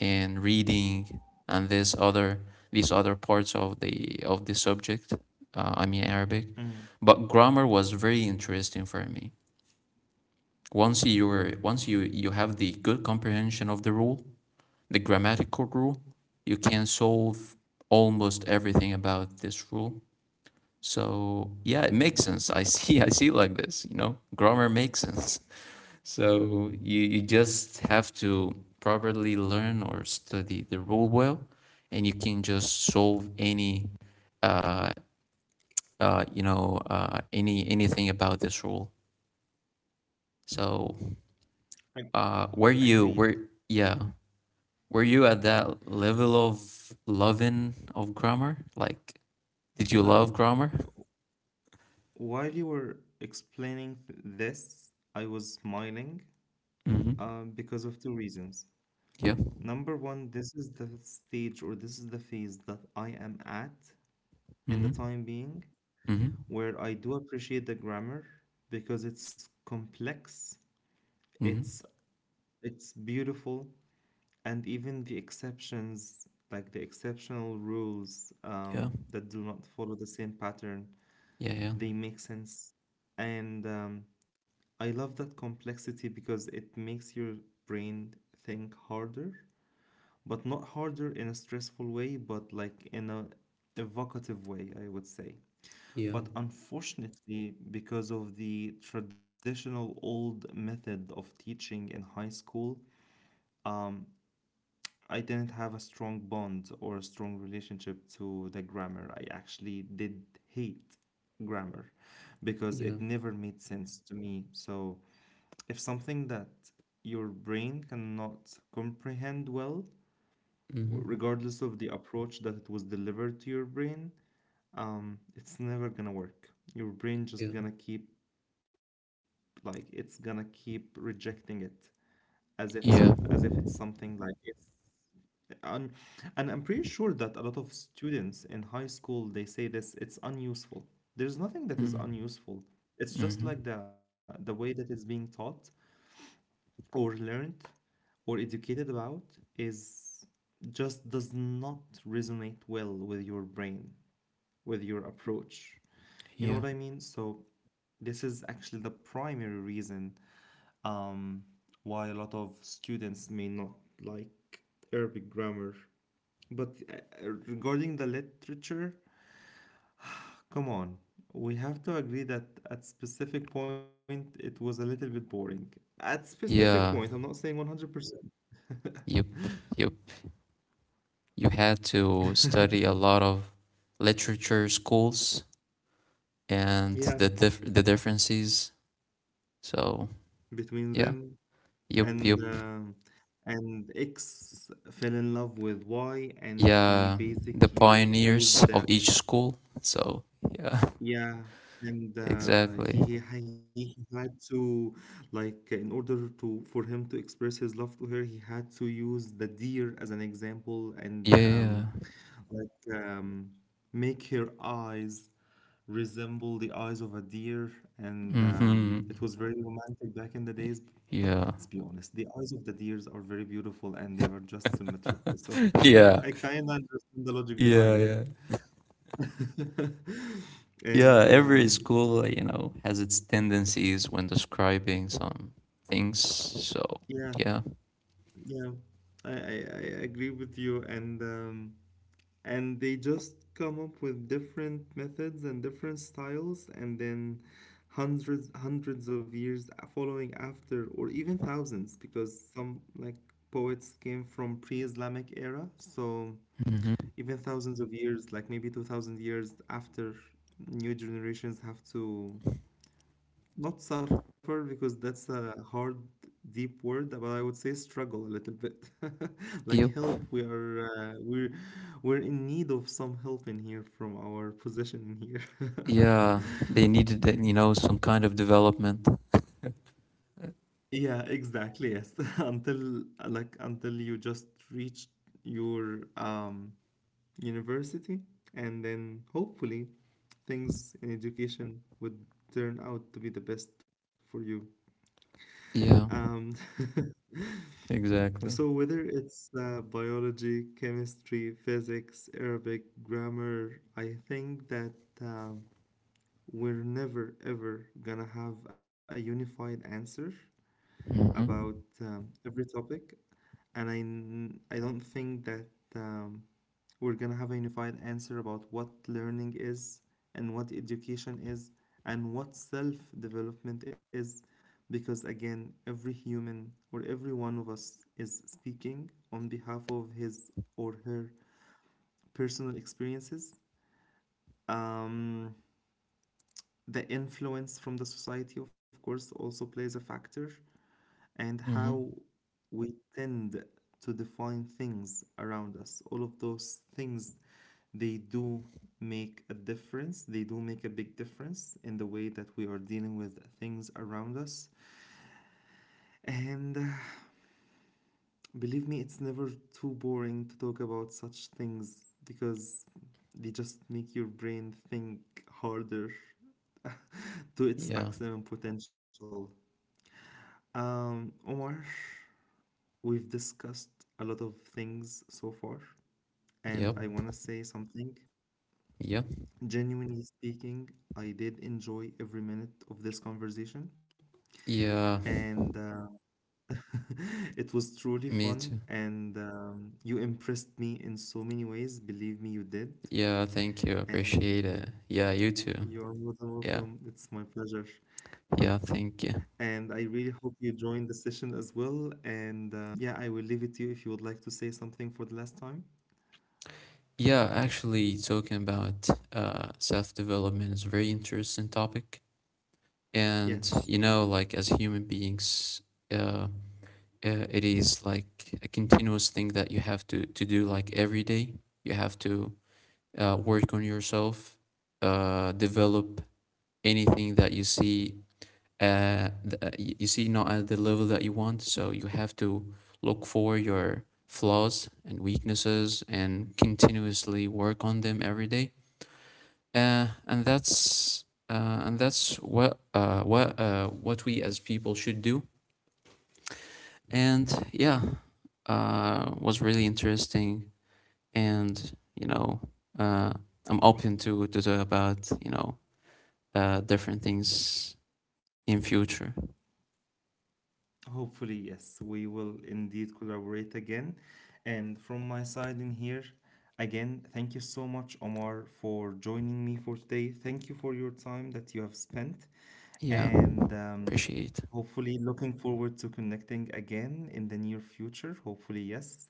[SPEAKER 2] and reading and this other these other parts of the subject, I mean Arabic.
[SPEAKER 1] mm.
[SPEAKER 2] But grammar was very interesting for me. Once you you have the good comprehension of the rule, the grammatical rule, you can solve almost everything about this rule. So yeah, it makes sense. I <laughs> see I see like this, you know. Grammar makes sense. <laughs> So you just have to properly learn or study the rule well, and you can just solve any you know, anything about this rule. So
[SPEAKER 1] Ag- agreed.
[SPEAKER 2] where yeah, were you at that level of loving of grammar? Like, did you
[SPEAKER 1] Uh,
[SPEAKER 2] love grammar?
[SPEAKER 1] while you were explaining this, I was smiling
[SPEAKER 2] Mm-hmm.
[SPEAKER 1] because of two reasons.
[SPEAKER 2] Yeah.
[SPEAKER 1] Number one, this is the stage or this is the phase that I am at in the
[SPEAKER 2] Mm-hmm.
[SPEAKER 1] time being,
[SPEAKER 2] Mm-hmm.
[SPEAKER 1] where I do appreciate the grammar because it's complex,
[SPEAKER 2] Mm-hmm.
[SPEAKER 1] it's it's beautiful, and even the exceptions, like the exceptional rules
[SPEAKER 2] Yeah.
[SPEAKER 1] that do not follow the same pattern,
[SPEAKER 2] Yeah. Yeah.
[SPEAKER 1] they make sense. And I love that complexity because it makes your brain think harder, but not harder in a stressful way, but like in a evocative way, I would say.
[SPEAKER 2] Yeah.
[SPEAKER 1] But unfortunately, because of the traditional old method of teaching in high school, um, I didn't have a strong bond or a strong relationship to the grammar. I actually did hate grammar because
[SPEAKER 2] Yeah.
[SPEAKER 1] it never made sense to me. So, if something that your brain cannot comprehend well,
[SPEAKER 2] Mm-hmm.
[SPEAKER 1] regardless of the approach that it was delivered to your brain, it's never gonna work. Your brain
[SPEAKER 2] Yeah.
[SPEAKER 1] just gonna keep, like, it's gonna keep rejecting it as if some as
[SPEAKER 2] Yeah.
[SPEAKER 1] if it's something like, and and I'm pretty sure that a lot of students in high school they say this, it's unuseful. There's nothing that is unuseful. It's just
[SPEAKER 2] Mm-hmm.
[SPEAKER 1] like the way that is being taught or learned or educated about is just does not resonate well with your brain, with your approach. You know
[SPEAKER 2] Yeah.
[SPEAKER 1] what I mean? So this is actually the primary reason um, why a lot of students may not like Arabic grammar, but regarding the literature, come on, we have to agree that at specific point it was a little bit boring. At specific point, I'm
[SPEAKER 2] Yeah.
[SPEAKER 1] not saying 100%.
[SPEAKER 2] Yep. Yep. You had to study a lot of literature schools and
[SPEAKER 1] Yeah,
[SPEAKER 2] the differences. So
[SPEAKER 1] between them
[SPEAKER 2] yeah. Yep.
[SPEAKER 1] and
[SPEAKER 2] Yep.
[SPEAKER 1] um and X fell in love with Y and he
[SPEAKER 2] Yeah, the
[SPEAKER 1] basically used
[SPEAKER 2] pioneers
[SPEAKER 1] the,
[SPEAKER 2] of each school. So yeah.
[SPEAKER 1] yeah,
[SPEAKER 2] <laughs>
[SPEAKER 1] and uh,
[SPEAKER 2] Exactly.
[SPEAKER 1] he, he ha- he had to, like, in order to for him to express his love to her, he had to use the deer as an example and
[SPEAKER 2] Yeah, yeah.
[SPEAKER 1] like um, make her eyes resemble the eyes of a deer, and
[SPEAKER 2] Mm-hmm.
[SPEAKER 1] it was very romantic back in the days. But
[SPEAKER 2] Yeah.
[SPEAKER 1] let's be honest, the eyes of the deers are very beautiful and they are just symmetrical. So
[SPEAKER 2] <laughs> Yeah,
[SPEAKER 1] <laughs> I kind of understand the logic
[SPEAKER 2] yeah.
[SPEAKER 1] behind it.
[SPEAKER 2] Yeah.
[SPEAKER 1] <laughs>
[SPEAKER 2] Yeah,
[SPEAKER 1] And
[SPEAKER 2] every school, you know, has its tendencies when describing some things. So
[SPEAKER 1] yeah,
[SPEAKER 2] yeah.
[SPEAKER 1] yeah, I agree with you. And they just come up with different methods and different styles, and then hundreds of years following after, or even thousands, because some like poets came from pre-Islamic era, so
[SPEAKER 2] Mm-hmm.
[SPEAKER 1] even thousands of years, like maybe 2,000 years after, new generations have to, not suffer because that's a hard, deep word, but I would say struggle a little bit. <laughs> Like
[SPEAKER 2] Yep.
[SPEAKER 1] help, we are we're in need of some help in here from our position in here. <laughs>
[SPEAKER 2] Yeah, they needed that, you know, some kind of development.
[SPEAKER 1] Yeah, exactly. Yes. <laughs> Until like until you just reach your university and then hopefully things in education would turn out to be the best for you.
[SPEAKER 2] Yeah,
[SPEAKER 1] Um <laughs>
[SPEAKER 2] exactly.
[SPEAKER 1] So whether it's biology, chemistry, physics, Arabic, grammar, I think that um, we're never ever gonna have a unified answer about
[SPEAKER 2] Mm-hmm.
[SPEAKER 1] every topic, and I don't think that um, we're gonna have a unified answer about what learning is and what education is and what self-development is, because again, every human or every one of us is speaking on behalf of his or her personal experiences. Um, the influence from the society, of course, also plays a factor and how
[SPEAKER 2] Mm-hmm.
[SPEAKER 1] we tend to define things around us. All of those things, they do make a difference. They do make a big difference in the way that we are dealing with things around us. And <sighs> believe me, it's never too boring to talk about such things because they just make your brain think harder to its
[SPEAKER 2] Yeah.
[SPEAKER 1] maximum potential. Omar, we've discussed a lot of things so far. And
[SPEAKER 2] Yep.
[SPEAKER 1] I want to say something.
[SPEAKER 2] Yeah.
[SPEAKER 1] Genuinely speaking, I did enjoy every minute of this conversation.
[SPEAKER 2] Yeah,
[SPEAKER 1] And <laughs> it was truly
[SPEAKER 2] me
[SPEAKER 1] fun.
[SPEAKER 2] too.
[SPEAKER 1] And you impressed me in so many ways. Believe me, you did.
[SPEAKER 2] Yeah, thank you.
[SPEAKER 1] And
[SPEAKER 2] Appreciate it. Yeah, you too.
[SPEAKER 1] you are more than
[SPEAKER 2] Yeah.
[SPEAKER 1] welcome. It's my pleasure.
[SPEAKER 2] Yeah,
[SPEAKER 1] And I
[SPEAKER 2] thank you.
[SPEAKER 1] really hope you join the session as well. And yeah, I will leave it to you if you would like to say something for the last time.
[SPEAKER 2] Yeah, actually talking about uh, self-development is a very interesting topic. And
[SPEAKER 1] Yes.
[SPEAKER 2] you know, like as human beings, uh, uh it is like a continuous thing that you have to do like every day. You have to work on yourself, develop anything that you see uh, th- uh, you see not at the level that you want, so you have to look for your flaws and weaknesses and continuously work on them every day, and that's what what we as people should do. And yeah, was really interesting. And you know, uh, I'm open to talk about you know, different things in future.
[SPEAKER 1] Hopefully, yes, we will indeed collaborate again. And from my side in here, again, thank you so much, Omar, for joining me for today. Thank you for your time that you have spent.
[SPEAKER 2] Yeah,
[SPEAKER 1] And
[SPEAKER 2] appreciate.
[SPEAKER 1] hopefully, looking forward to connecting again in the near future. Hopefully, yes.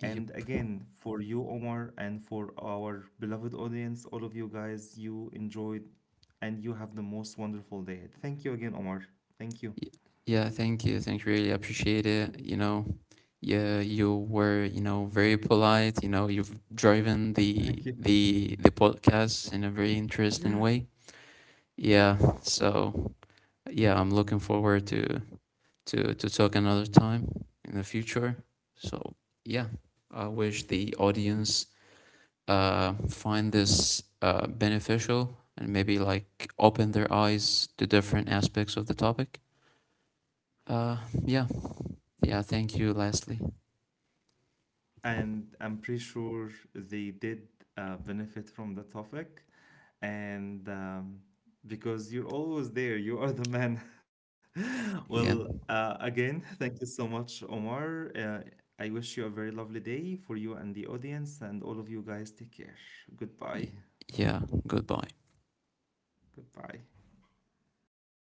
[SPEAKER 1] And again, for you, Omar, and for our beloved audience, all of you guys, you enjoyed and you have the most wonderful day ahead. Thank you again, Omar. Thank you.
[SPEAKER 2] Y- Yeah, thank you. Thank you. Really appreciate it. You know, yeah, you were, you know, very polite. You know, you've driven
[SPEAKER 1] Thank you.
[SPEAKER 2] the podcast in a very interesting way. Yeah. So yeah, I'm looking forward to talk another time in the future. So yeah, I wish the audience uh, find this uh, beneficial and maybe like open their eyes to different aspects of the topic. Uh, yeah. Yeah, thank you, Leslie.
[SPEAKER 1] And I'm pretty sure they did benefit from the topic. And because you're always there, you are the man. <laughs> Well,
[SPEAKER 2] Yeah.
[SPEAKER 1] again, thank you so much, Omar. I wish you a very lovely day for you and the audience, and all of you guys. Take care. Goodbye.
[SPEAKER 2] Y- yeah. Goodbye.
[SPEAKER 1] Goodbye.